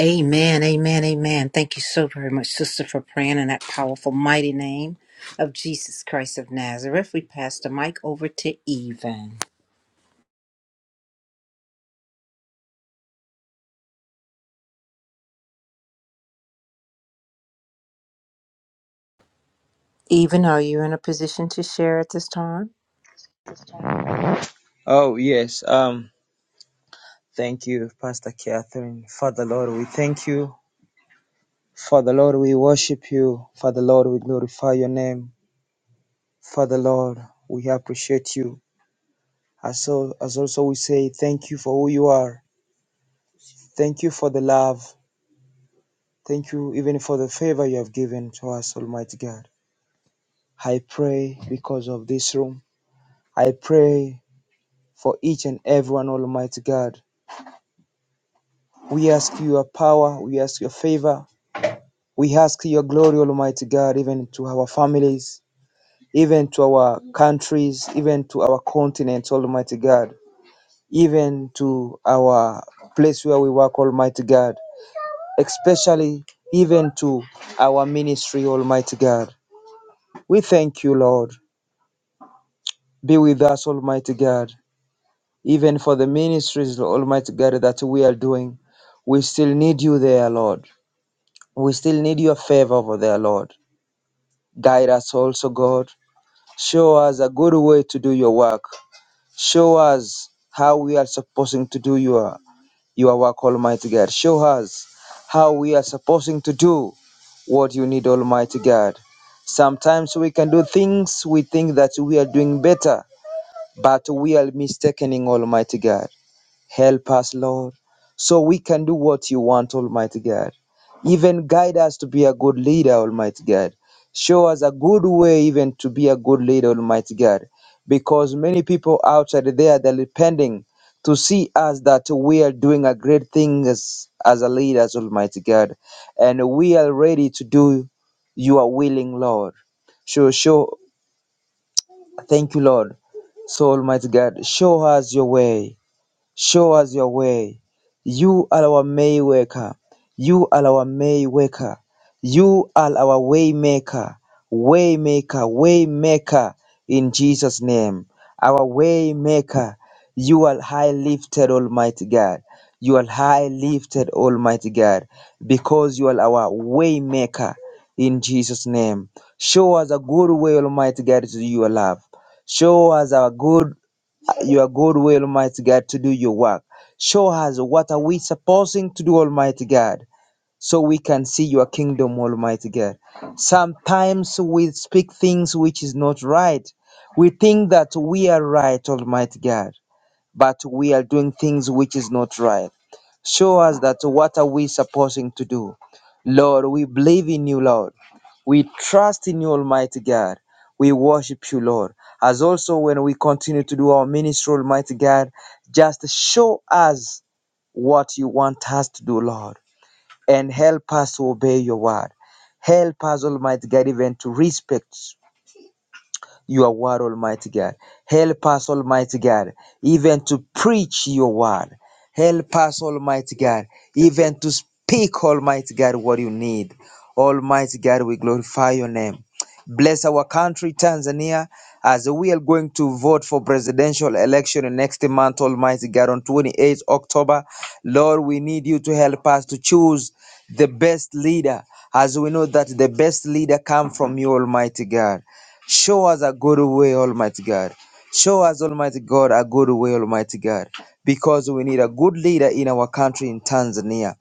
Amen, amen, amen. Thank you so very much, sister, for praying in that powerful, mighty name of Jesus Christ of Nazareth. We pass the mic over to Even. Even, are you in a position to share at this time? Oh, yes. Um, thank you, Pastor Catherine. Father Lord, we thank you. Father Lord, we worship you. Father Lord, we glorify your name. Father Lord, we appreciate you. As, so, as also we say, thank you for who you are. Thank you for the love. Thank you even for the favor you have given to us, Almighty God. I pray because of this room. I pray for each and everyone, Almighty God. We ask you your power. We ask your favor. We ask your glory, Almighty God, even to our families, even to our countries, even to our continent, Almighty God, even to our place where we work, Almighty God, especially even to our ministry, Almighty God. We thank you, Lord. Be with us, Almighty God, even for the ministries, Almighty God, that we are doing. We still need you there, Lord. We still need your favor over there, Lord. Guide us also, God. Show us a good way to do your work. Show us how we are supposed to do your, your work, Almighty God. Show us how we are supposed to do what you need, Almighty God. Sometimes we can do things we think that we are doing better, but we are mistaken,ing Almighty God. Help us, Lord, so we can do what you want, Almighty God. Even guide us to be a good leader, Almighty God. Show us a good way, even to be a good leader, Almighty God. Because many people outside there, they're depending to see us that we are doing a great thing as, as a leaders, Almighty God. And we are ready to do your willing, Lord. So, show, thank you, Lord. So, Almighty God, show us your way Show us your way. You are our Waymaker. You are our Waymaker. You are our Waymaker. Waymaker, Waymaker in Jesus' name. Our Waymaker. You are high lifted, Almighty God. You are high lifted, Almighty God, because you are our Waymaker in Jesus' name. Show us a good way, Almighty God, to your love. Show us a good your good will, Almighty God, to do your work. Show us what are we supposing to do, Almighty God, so we can see your kingdom, Almighty God. Sometimes we speak things which is not right. We think that we are right, Almighty God but we are doing things which is not right. Show us that what are we supposing to do. Lord, we believe in you, Lord. We trust in you, Almighty God. We worship you, Lord. As also when we continue to do our ministry, Almighty God, just show us what you want us to do, Lord, and help us to obey your word. Help us, Almighty God, even to respect your word, Almighty God. Help us, Almighty God, even to preach your word. Help us, Almighty God, even to speak, Almighty God, what you need. Almighty God, we glorify your name. Bless our country, Tanzania, as we are going to vote for presidential election in next month, Almighty God, on 28th October. Lord, we need you to help us to choose the best leader, as we know that the best leader come from you, Almighty God. Show us a good way, Almighty God. Show us, Almighty God, a good way, Almighty God, because we need a good leader in our country, in Tanzania.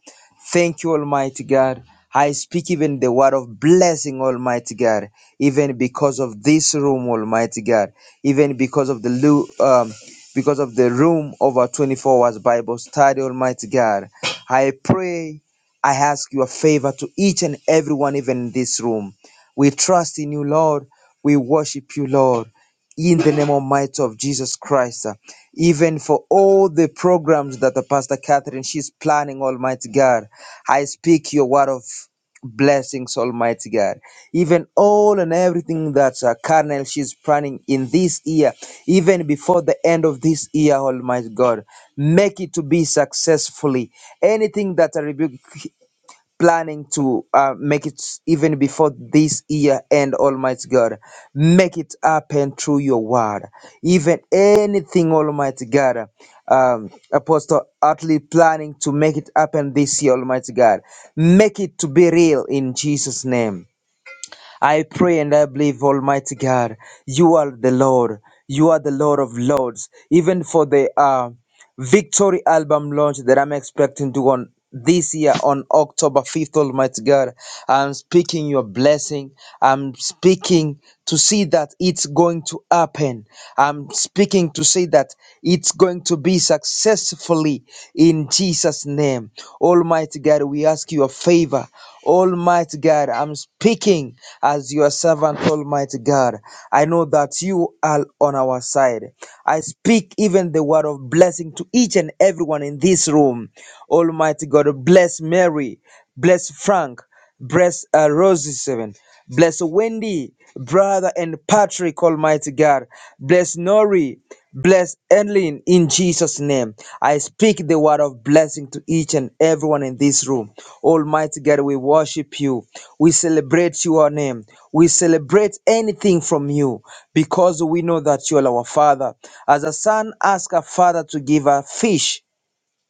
Thank you, Almighty God. I speak even the word of blessing, Almighty God, even because of this room, Almighty God, even because of the lu- um, because of the room of our 24 hours Bible study, Almighty God. I pray, I ask your favor to each and everyone, even in this room. We trust in you, Lord. We worship you, Lord, in the name almighty of Jesus Christ. uh, Even for all the programs that the Pastor Catherine she's planning, Almighty God, I speak your word of blessings, Almighty God. Even all and everything that uh, Carnel she's planning in this year, even before the end of this year, Almighty God, make it to be successfully. Anything that I rebuke planning to uh, make it even before this year end almighty god make it happen through your word even anything almighty god um, apostle utterly planning to make it happen this year almighty god make it to be real in jesus name I pray and I believe, Almighty God, you are the Lord. You are the Lord of Lords. Even for the uh, victory album launch that I'm expecting to on this year on October 5th, Almighty God, I'm speaking your blessing. I'm speaking to see that it's going to happen. I'm speaking to say that it's going to be successful mercifully in Jesus' name. Almighty God, we ask your favor. Almighty God, I'm speaking as your servant, Almighty God. I know that you are on our side. I speak even the word of blessing to each and everyone in this room. Almighty God, bless Mary, bless Frank. Bless uh, Rosie Seven. Bless Wendy, brother, and Patrick, Almighty God. Bless Nori. Bless Enlin in Jesus' name. I speak the word of blessing to each and everyone in this room. Almighty God, we worship you. We celebrate your name. We celebrate anything from you because we know that you are our Father. As a son asks a father to give a fish,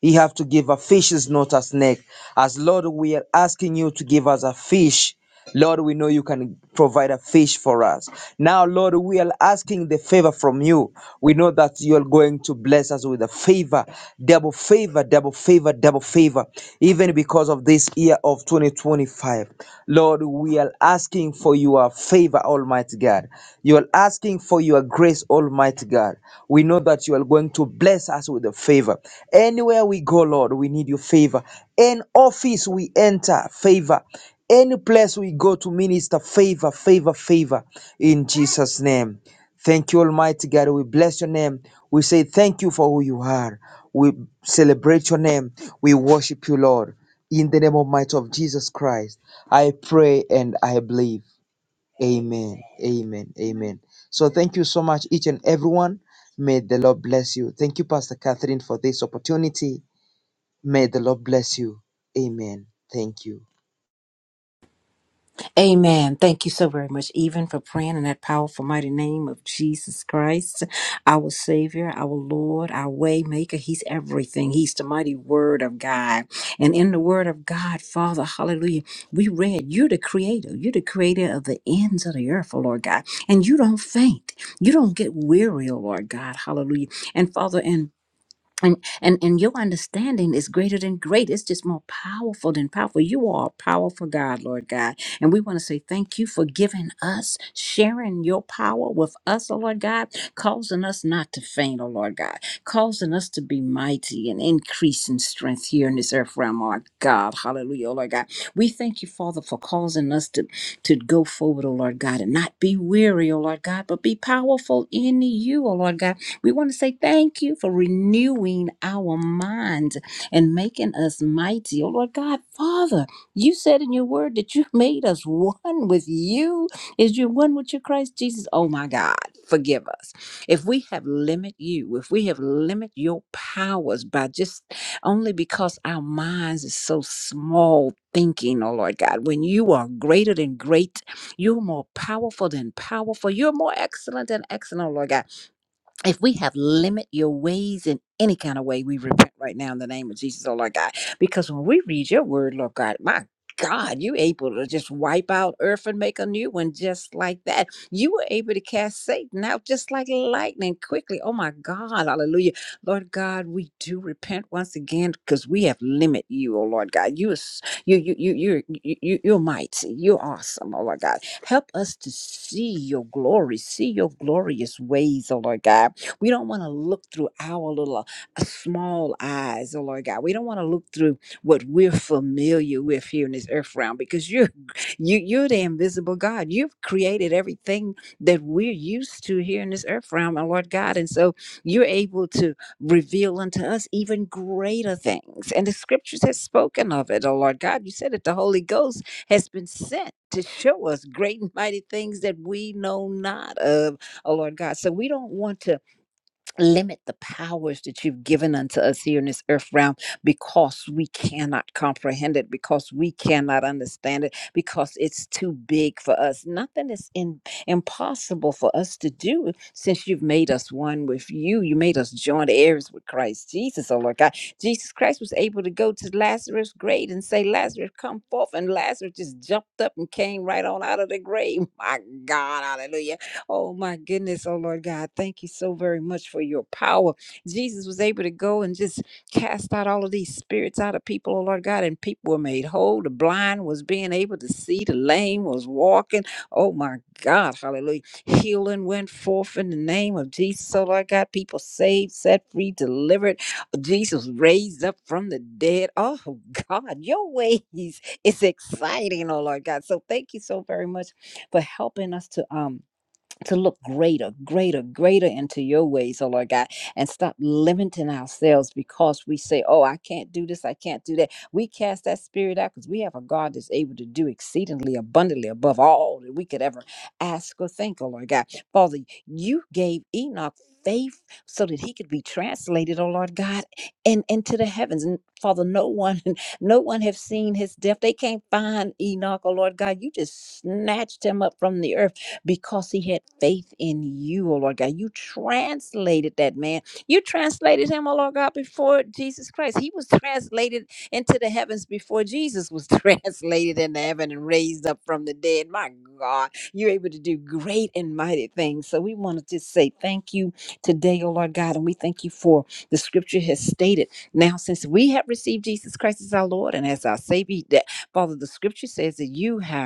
he have to give a fish is not a snake. As Lord, we are asking you to give us a fish. Lord, we know you can provide a fish for us. Now, Lord, we are asking the favor from you. We know that you are going to bless us with a favor, double favor, double favor, double favor, even because of this year of 2025. Lord, we are asking for your favor, Almighty God. You are asking for your grace, Almighty. Almighty God. We know that you are going to bless us with a favor. Anywhere we go, Lord, we need your favor. Any office we enter, favor. Any place we go to minister, favor, favor, favor. In Jesus' name. Thank you, Almighty God. We bless your name. We say thank you for who you are. We celebrate your name. We worship you, Lord. In the name of might of Jesus Christ, I pray and I believe. Amen. Amen. Amen. So thank you so much, each and everyone. May the Lord bless you. Thank you, Pastor Catherine, for this opportunity. May the Lord bless you. Amen. Thank you. Amen. Thank you so very much, even for praying in that powerful, mighty name of Jesus Christ, our Savior, our Lord, our Waymaker. He's everything. He's the mighty Word of God. And in the Word of God, Father, hallelujah, we read, You're the Creator. You're the Creator of the ends of the earth, oh Lord God. And you don't faint. You don't get weary, oh Lord God, hallelujah. And Father, in and and and your understanding is greater than great it's just more powerful than powerful you are a powerful god lord god and we want to say thank you for giving us sharing your power with us oh lord god causing us not to faint oh lord god causing us to be mighty and increase in strength here in this earth realm oh god hallelujah oh lord god we thank you father for causing us to to go forward oh lord god and not be weary oh lord god but be powerful in you oh lord god we want to say thank you for renewing our minds and making us mighty. Oh, Lord God, Father, you said in your word that you *laughs* made us one with you. Is you one with your Christ Jesus? Oh, my God, forgive us. If we have limited you, if we have limited your powers by just only because our minds is so small thinking, oh Lord God, when you are greater than great, you're more powerful than powerful, you're more excellent than excellent, oh Lord God if we have limit your ways in any kind of way, we repent right now in the name of Jesus, oh Lord God. Because when we read your word, Lord God, my God, you able to just wipe out earth and make a new one just like that. You were able to cast Satan out just like lightning quickly. Oh my God, hallelujah. Lord God, we do repent once again because we have limit you, oh Lord God. You are s- you you you you you you- you're mighty. You're awesome, oh Lord God. Help us to see your glory, see your glorious ways, oh Lord God we don't want to look through our little uh, small eyes, oh Lord God. We don't want to look through what we're familiar with here in this earth realm because you're you you're the invisible God. You've created everything that we're used to here in this earth realm, oh Lord God. And so you're able to reveal unto us even greater things. And the scriptures has spoken of it, oh Lord God. You said that the Holy Ghost has been sent to show us great and mighty things that we know not of, oh Lord God. So we don't want to limit the powers that you've given unto us here in this earth realm because we cannot comprehend it because we cannot understand it because it's too big for us nothing is in, impossible for us to do since you've made us one with you you made us joint heirs with christ jesus oh lord god jesus christ was able to go to lazarus grave and say lazarus come forth and lazarus just jumped up and came right on out of the grave *laughs* my god hallelujah Oh my goodness, oh Lord God, thank you so very much for your power. Jesus was able to go and just cast out all of these spirits out of people, oh Lord God, and people were made whole. The blind was being able to see, the lame was walking. Oh my God, hallelujah. Healing went forth in the name of Jesus, oh Lord God. People saved, set free, delivered. Jesus raised up from the dead. Oh God, your ways is exciting, oh Lord God. So thank you so very much for helping us to um to look greater, greater, greater into your ways, oh Lord God, and stop limiting ourselves because we say, oh, I can't do this, I can't do that. We cast that spirit out because we have a God that's able to do exceedingly abundantly above all that we could ever ask or think, oh Lord God. Father, you gave Enoch faith so that he could be translated, oh Lord God, and into the heavens. And Father, no one, *laughs* no one have seen his death. They can't find Enoch, oh Lord God. You just snatched him up from the earth because he had faith in you, oh Lord God. You translated that man. You translated him, oh Lord God, before Jesus Christ. He was translated into the heavens before Jesus was *laughs* translated into heaven and raised up from the dead. My God, you're able to do great and mighty things. So we want to just say thank you today, oh Lord God. And we thank you for the scripture has stated. Now, since we have received Jesus Christ as our Lord and as our Savior, that Father, the scripture says that you have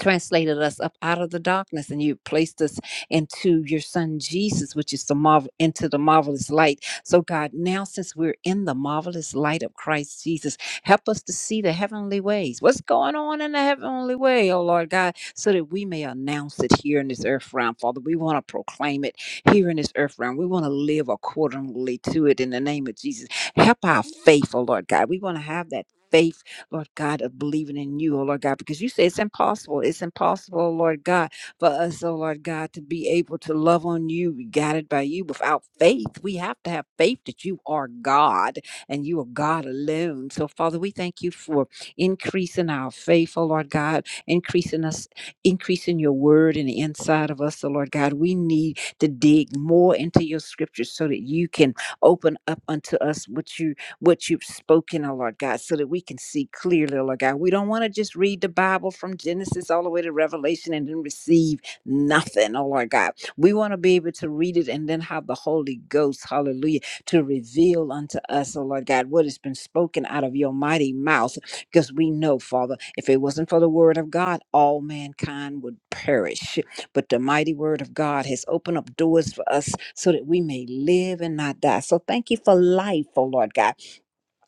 translated us up out of the darkness and you placed us into your son Jesus which is the marvel into the marvelous light so God now since we're in the marvelous light of Christ Jesus help us to see the heavenly ways what's going on in the heavenly way oh Lord God so that we may announce it here in this earth realm father we want to proclaim it here in this earth realm we want to live accordingly to it in the name of Jesus help our faith oh Lord God we want to have that faith Lord God, of believing in you, oh Lord God, because you say it's impossible. It's impossible, oh Lord God, for us, oh Lord God, to be able to love on you, guided by you without faith. We have to have faith that you are God and you are God alone. So, Father, we thank you for increasing our faith, oh Lord God, increasing us, increasing your word in the inside of us, oh Lord God. We need to dig more into your scriptures so that you can open up unto us what you what you've spoken, oh Lord God, so that we can see clearly, oh Lord God. We don't want to just read the Bible from Genesis all the way to Revelation and then receive nothing, oh Lord God. We want to be able to read it and then have the Holy Ghost, hallelujah, to reveal unto us, oh Lord God, what has been spoken out of your mighty mouth. Because we know, Father, if it wasn't for the word of God, all mankind would perish. But the mighty word of God has opened up doors for us so that we may live and not die. So thank you for life, oh Lord God.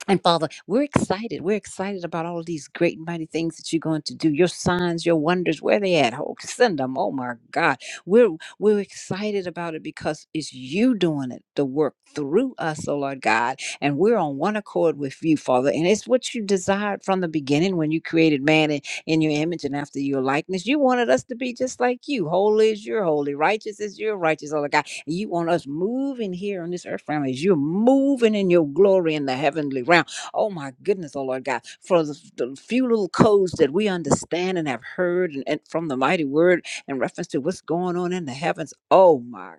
And Father, we're excited. We're excited about all these great and mighty things that you're going to do. Your signs, your wonders, where they at? Oh, send them. Oh my God. We're we're excited about it because it's you doing it, the work through us, oh Lord God. And we're on one accord with you, Father. And it's what you desired from the beginning when you created man in, in your image and after your likeness. You wanted us to be just like you. Holy is your holy, righteous is your righteous, oh Lord God. And you want us moving here on this earth realm as you're moving in your glory in the heavenly realm. Oh my goodness, oh Lord God, for the, the few little codes that we understand and have heard and, and from the mighty word in reference to what's going on in the heavens. Oh my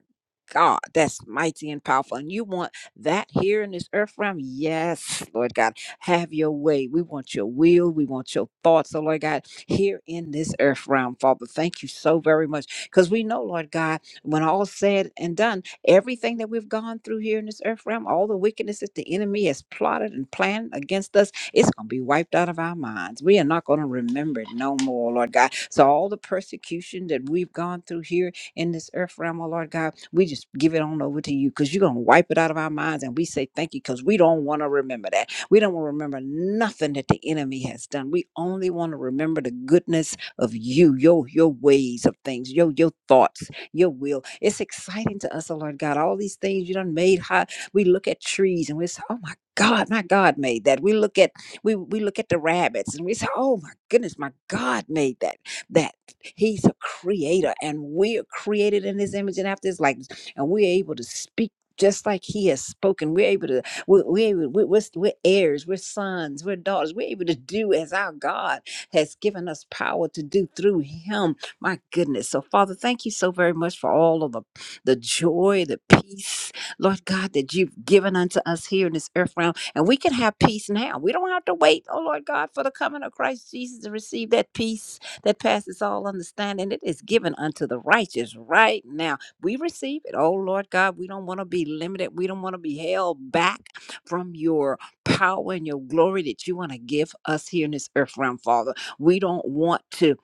God, that's mighty and powerful. And you want that here in this earth realm? Yes, Lord God. Have your way. We want your will. We want your thoughts, oh Lord God, here in this earth realm, Father. Thank you so very much. Because we know, Lord God. When all said and done, everything that we've gone through here in this earth realm, all the wickedness that the enemy has plotted and planned against us, it's going to be wiped out of our minds. We are not going to remember it no more, Lord God. So all the persecution that we've gone through here in this earth realm, oh Lord God, we just give it on over to you because you're going to wipe it out of our minds. And we say thank you because we don't want to remember that. We don't want to remember nothing that the enemy has done. We only want to remember the goodness of you, your your ways of things, your your thoughts your will. It's exciting to us, oh Lord God. All these things you done made high. We look at trees and we say, oh my God, my God made that. We look at we we look at the rabbits and we say, oh my goodness, my God made that. That He's a creator and we are created in His image and after His likeness, and we're able to speak. Just like he has spoken, we're able to, we're, we're, able- we're, we're we're heirs, we're sons, we're daughters, we're able to do as our God has given us power to do through him my goodness. So, Father, thank you so very much for all of the, the joy, the peace, Lord God, that you've given unto us here in this earth realm. And we can have peace now. We don't have to wait, oh Lord God, for the coming of Christ Jesus to receive that peace that passes all understanding. It is given unto the righteous right now. We receive it. Oh Lord God, we don't want to be limited. We don't want to be held back from your power and your glory that you want to give us here in this earth realm, Father. We don't want to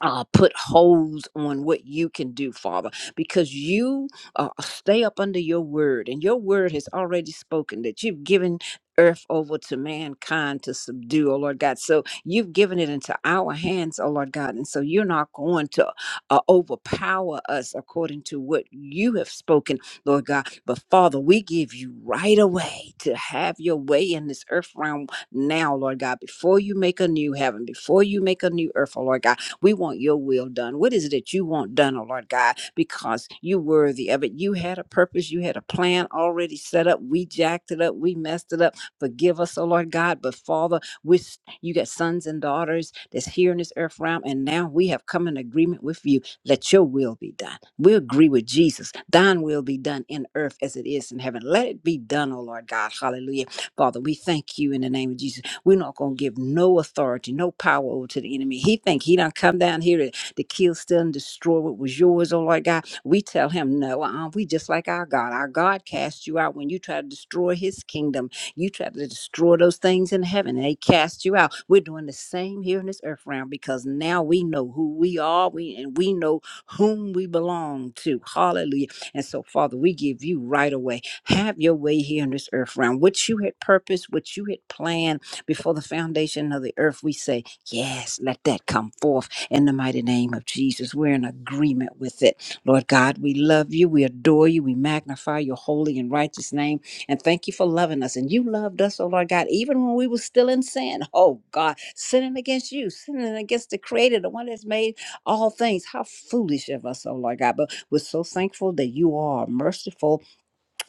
uh, put holds on what you can do, Father, because you uh, stay up under your word, and your word has already spoken that you've given earth over to mankind to subdue, oh Lord God. So you've given it into our hands, oh Lord God. And so you're not going to uh, overpower us according to what you have spoken, Lord God. But Father, we give you right away to have your way in this earth realm now, Lord God, before you make a new heaven, before you make a new earth, oh Lord God. We want your will done. What is it that you want done, oh Lord God? Because you worthy of it. You had a purpose. You had a plan already set up. We jacked it up. We messed it up. Forgive us, oh Lord God. But Father, we s- you got sons and daughters that's here in this earth realm, and now we have come in agreement with you. Let your will be done. We agree with Jesus. Thine will be done in earth as it is in heaven. Let it be done, oh Lord God. Hallelujah. Father, we thank you in the name of Jesus. We're not gonna give no authority, no power over to the enemy. He think he done come down here to, to kill, steal, and destroy what was yours, oh Lord God. We tell him no, uh-uh, we just like our God. Our God cast you out when you try to destroy his kingdom. You try to destroy those things in heaven, and they cast you out. We're doing the same here in this earth realm because now we know who we are, we and we know whom we belong to. Hallelujah. And so, Father, we give you right away. Have your way here in this earth realm. What you had purposed, what you had planned before the foundation of the earth, we say, Yes, let that come forth in the mighty name of Jesus. We're in agreement with it. Lord God, we love you. We adore you. We magnify your holy and righteous name. And thank you for loving us. And you loved us, oh Lord God, even when we were still in sin. Oh God, sinning against you, sinning against the Creator, the one that's made all things. How foolish of us, oh Lord God. But we're so thankful that you are merciful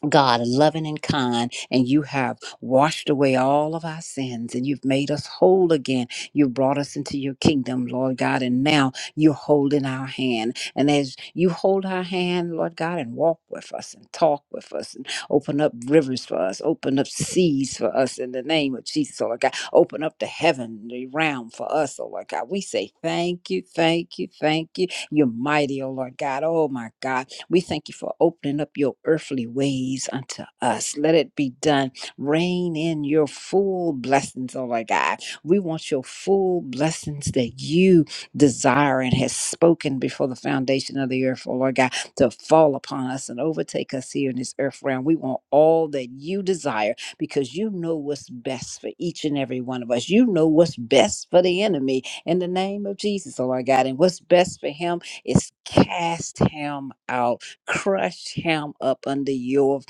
God, loving and kind, and you have washed away all of our sins and you've made us whole again. You've brought us into your kingdom, Lord God, and now you're holding our hand. And as you hold our hand, Lord God, and walk with us and talk with us and open up rivers for us, open up seas for us in the name of Jesus, oh Lord God, open up the heavenly realm for us, oh Lord God. We say thank you, thank you, thank you. You're mighty, oh Lord God. Oh my God. We thank you for opening up your earthly ways unto us. Let it be done. Rain in your full blessings, oh my God. We want your full blessings that you desire and has spoken before the foundation of the earth, oh Lord God, to fall upon us and overtake us here in this earth realm. We want all that you desire because you know what's best for each and every one of us. You know what's best for the enemy in the name of Jesus, oh Lord God. And what's best for him is cast him out Crush him up under your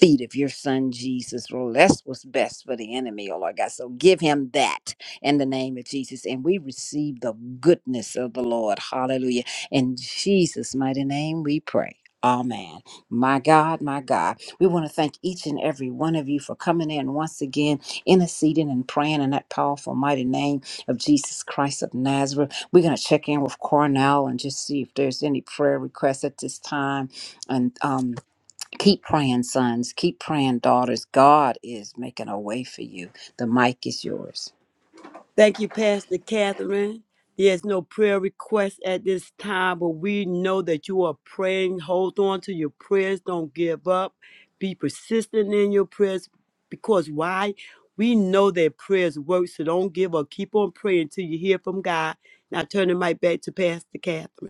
feet of your son Jesus. Lord, that's what's best for the enemy, oh Lord God. So give him that in the name of Jesus. And we receive the goodness of the Lord. Hallelujah. In Jesus' mighty name we pray. Amen. My God, my God. We want to thank each and every one of you for coming in once again, interceding and praying in that powerful, mighty name of Jesus Christ of Nazareth. We're going to check in with Cornell and just see if there's any prayer requests at this time and um, keep praying, sons. Keep praying, daughters. God is making a way for you. The mic is yours. Thank you, Pastor Catherine. There's no prayer request at this time, but we know that you are praying. Hold on to your prayers. Don't give up. Be persistent in your prayers because why? We know that prayers work, so don't give up. Keep on praying till you hear from God. Now turn the mic back to Pastor Catherine.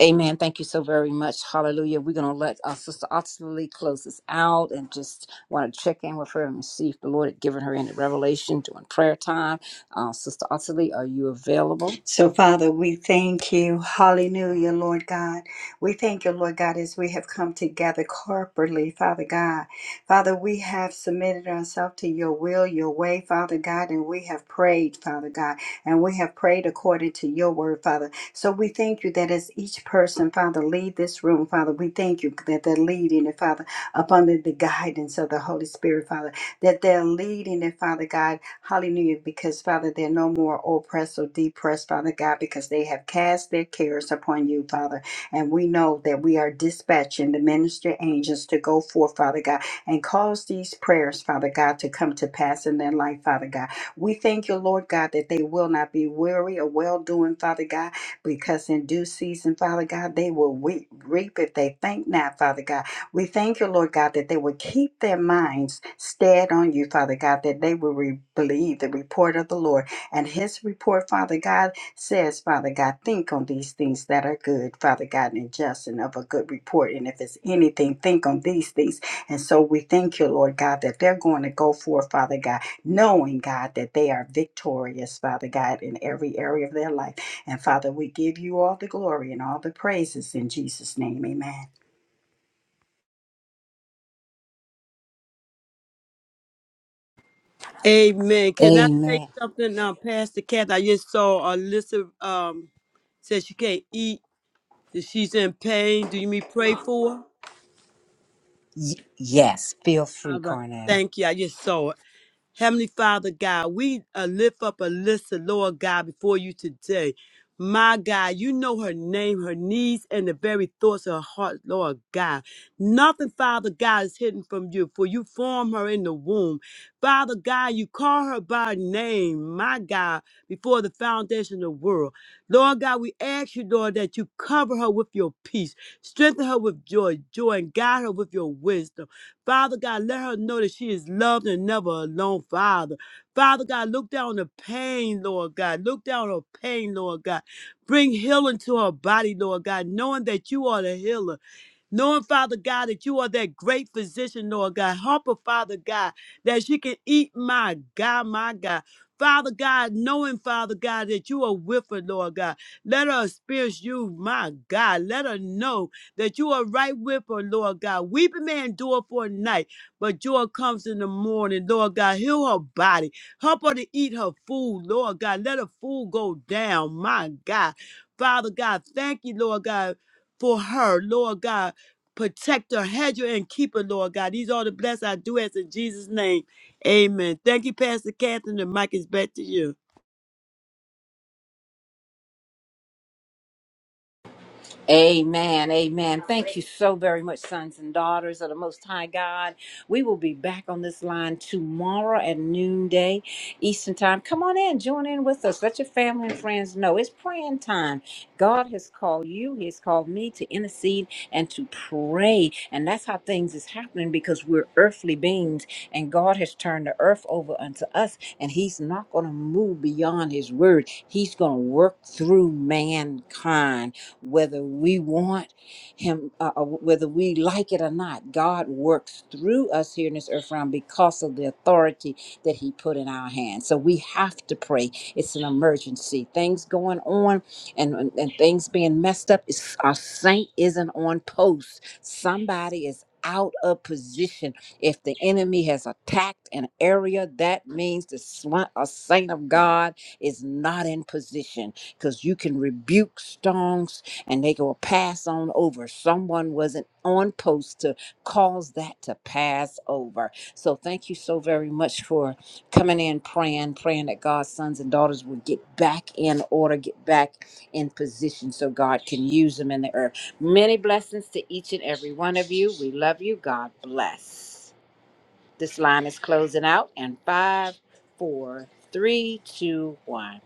Amen. Thank you so very much. Hallelujah. We're going to let our sister Ottilie close this out and just want to check in with her and see if the Lord had given her any revelation during prayer time. Uh, sister Ottilie, are you available? So, Father, we thank you. Hallelujah, Lord God. We thank you, Lord God, as we have come together corporately, Father God. Father, we have submitted ourselves to your will, your way, Father God, and we have prayed, Father God, and we have prayed according to your word, Father. So we thank you that as each person, Father, leave this room, Father, we thank you that they're leading it, Father, upon the, the guidance of the Holy Spirit, Father that they're leading it, Father God. Hallelujah. Because, Father, they're no more oppressed or depressed, Father God, because they have cast their cares upon you, Father. And we know that we are dispatching the ministry angels to go forth, Father God, and cause these prayers, Father God, to come to pass in their life, Father God. We thank you, Lord God, that they will not be weary or well doing, Father God, because in due season, Father God, they will we- reap if they think not, Father God. We thank you, Lord God, that they will keep their minds stead on you, Father God, that they will re- believe the report of the Lord. And his report, Father God, says, Father God, think on these things that are good, Father God, and just and of a good report. And if it's anything, think on these things. And so we thank you, Lord God, that they're going to go forth, Father God, knowing, God, that they are victorious, Father God, in every area of their life. And Father, we give you all the glory and all the praises in Jesus' name. Amen. Amen. Can I say Amen. something now, Pastor Catherine? I just saw Alyssa um, says she can't eat, that she's in pain. Do you mean pray for her? Y- yes. Feel free, All right. Carnell. Thank you. I just saw it. Heavenly Father God, we uh, lift up Alyssa, Lord God, before you today. My God, you know her name, her needs, and the very thoughts of her heart, Lord God. Nothing, Father God, is hidden from you, for you formed her in the womb. Father God, you call her by name, my God, before the foundation of the world. Lord God, we ask you, Lord, that you cover her with your peace, strengthen her with joy, joy, and guide her with your wisdom. Father God, let her know that she is loved and never alone, Father. Father God, look down on the pain, Lord God. Look down on her pain, Lord God. Bring healing to her body, Lord God, knowing that you are the healer. Knowing, Father God, that you are that great physician, Lord God. Help her, Father God, that she can eat, my God, my God. Father God, knowing, Father God, that you are with her, Lord God. Let her experience you, my God. Let her know that you are right with her, Lord God. Weeping may endure for a night, but joy comes in the morning, Lord God. Heal her body. Help her to eat her food, Lord God. Let her food go down, my God. Father God, thank you, Lord God, for her, Lord God protect her, hedge her, and keep her, Lord God. These are the blessings I do ask in Jesus' name. Amen. Thank you, Pastor Catherine. The mic is back to you. Amen. Amen. Thank you so very much, sons and daughters of the Most High God. We will be back on this line tomorrow at noonday Eastern Time. Come on in, join in with us. Let your family and friends know it's praying time. God has called you, He has called me to intercede and to pray. And that's how things is happening because we're earthly beings and God has turned the earth over unto us and He's not going to move beyond His word. He's going to work through mankind whether we want Him, uh, uh, whether we like it or not. God works through us here in this earth realm because of the authority that He put in our hands. So we have to pray. It's an emergency. Things going on and, and and things being messed up. It's, our saint isn't on post. Somebody is out of position if the enemy has attacked an area, that means the swa- a saint of God is not in position because you can rebuke storms, and they will pass on over. Someone wasn't on post to cause that to pass over. So thank you so very much for coming in, praying, praying that God's sons and daughters will get back in order, get back in position so God can use them in the earth. Many blessings to each and every one of you. We love you. God bless. This line is closing out and five, four, three, two, one.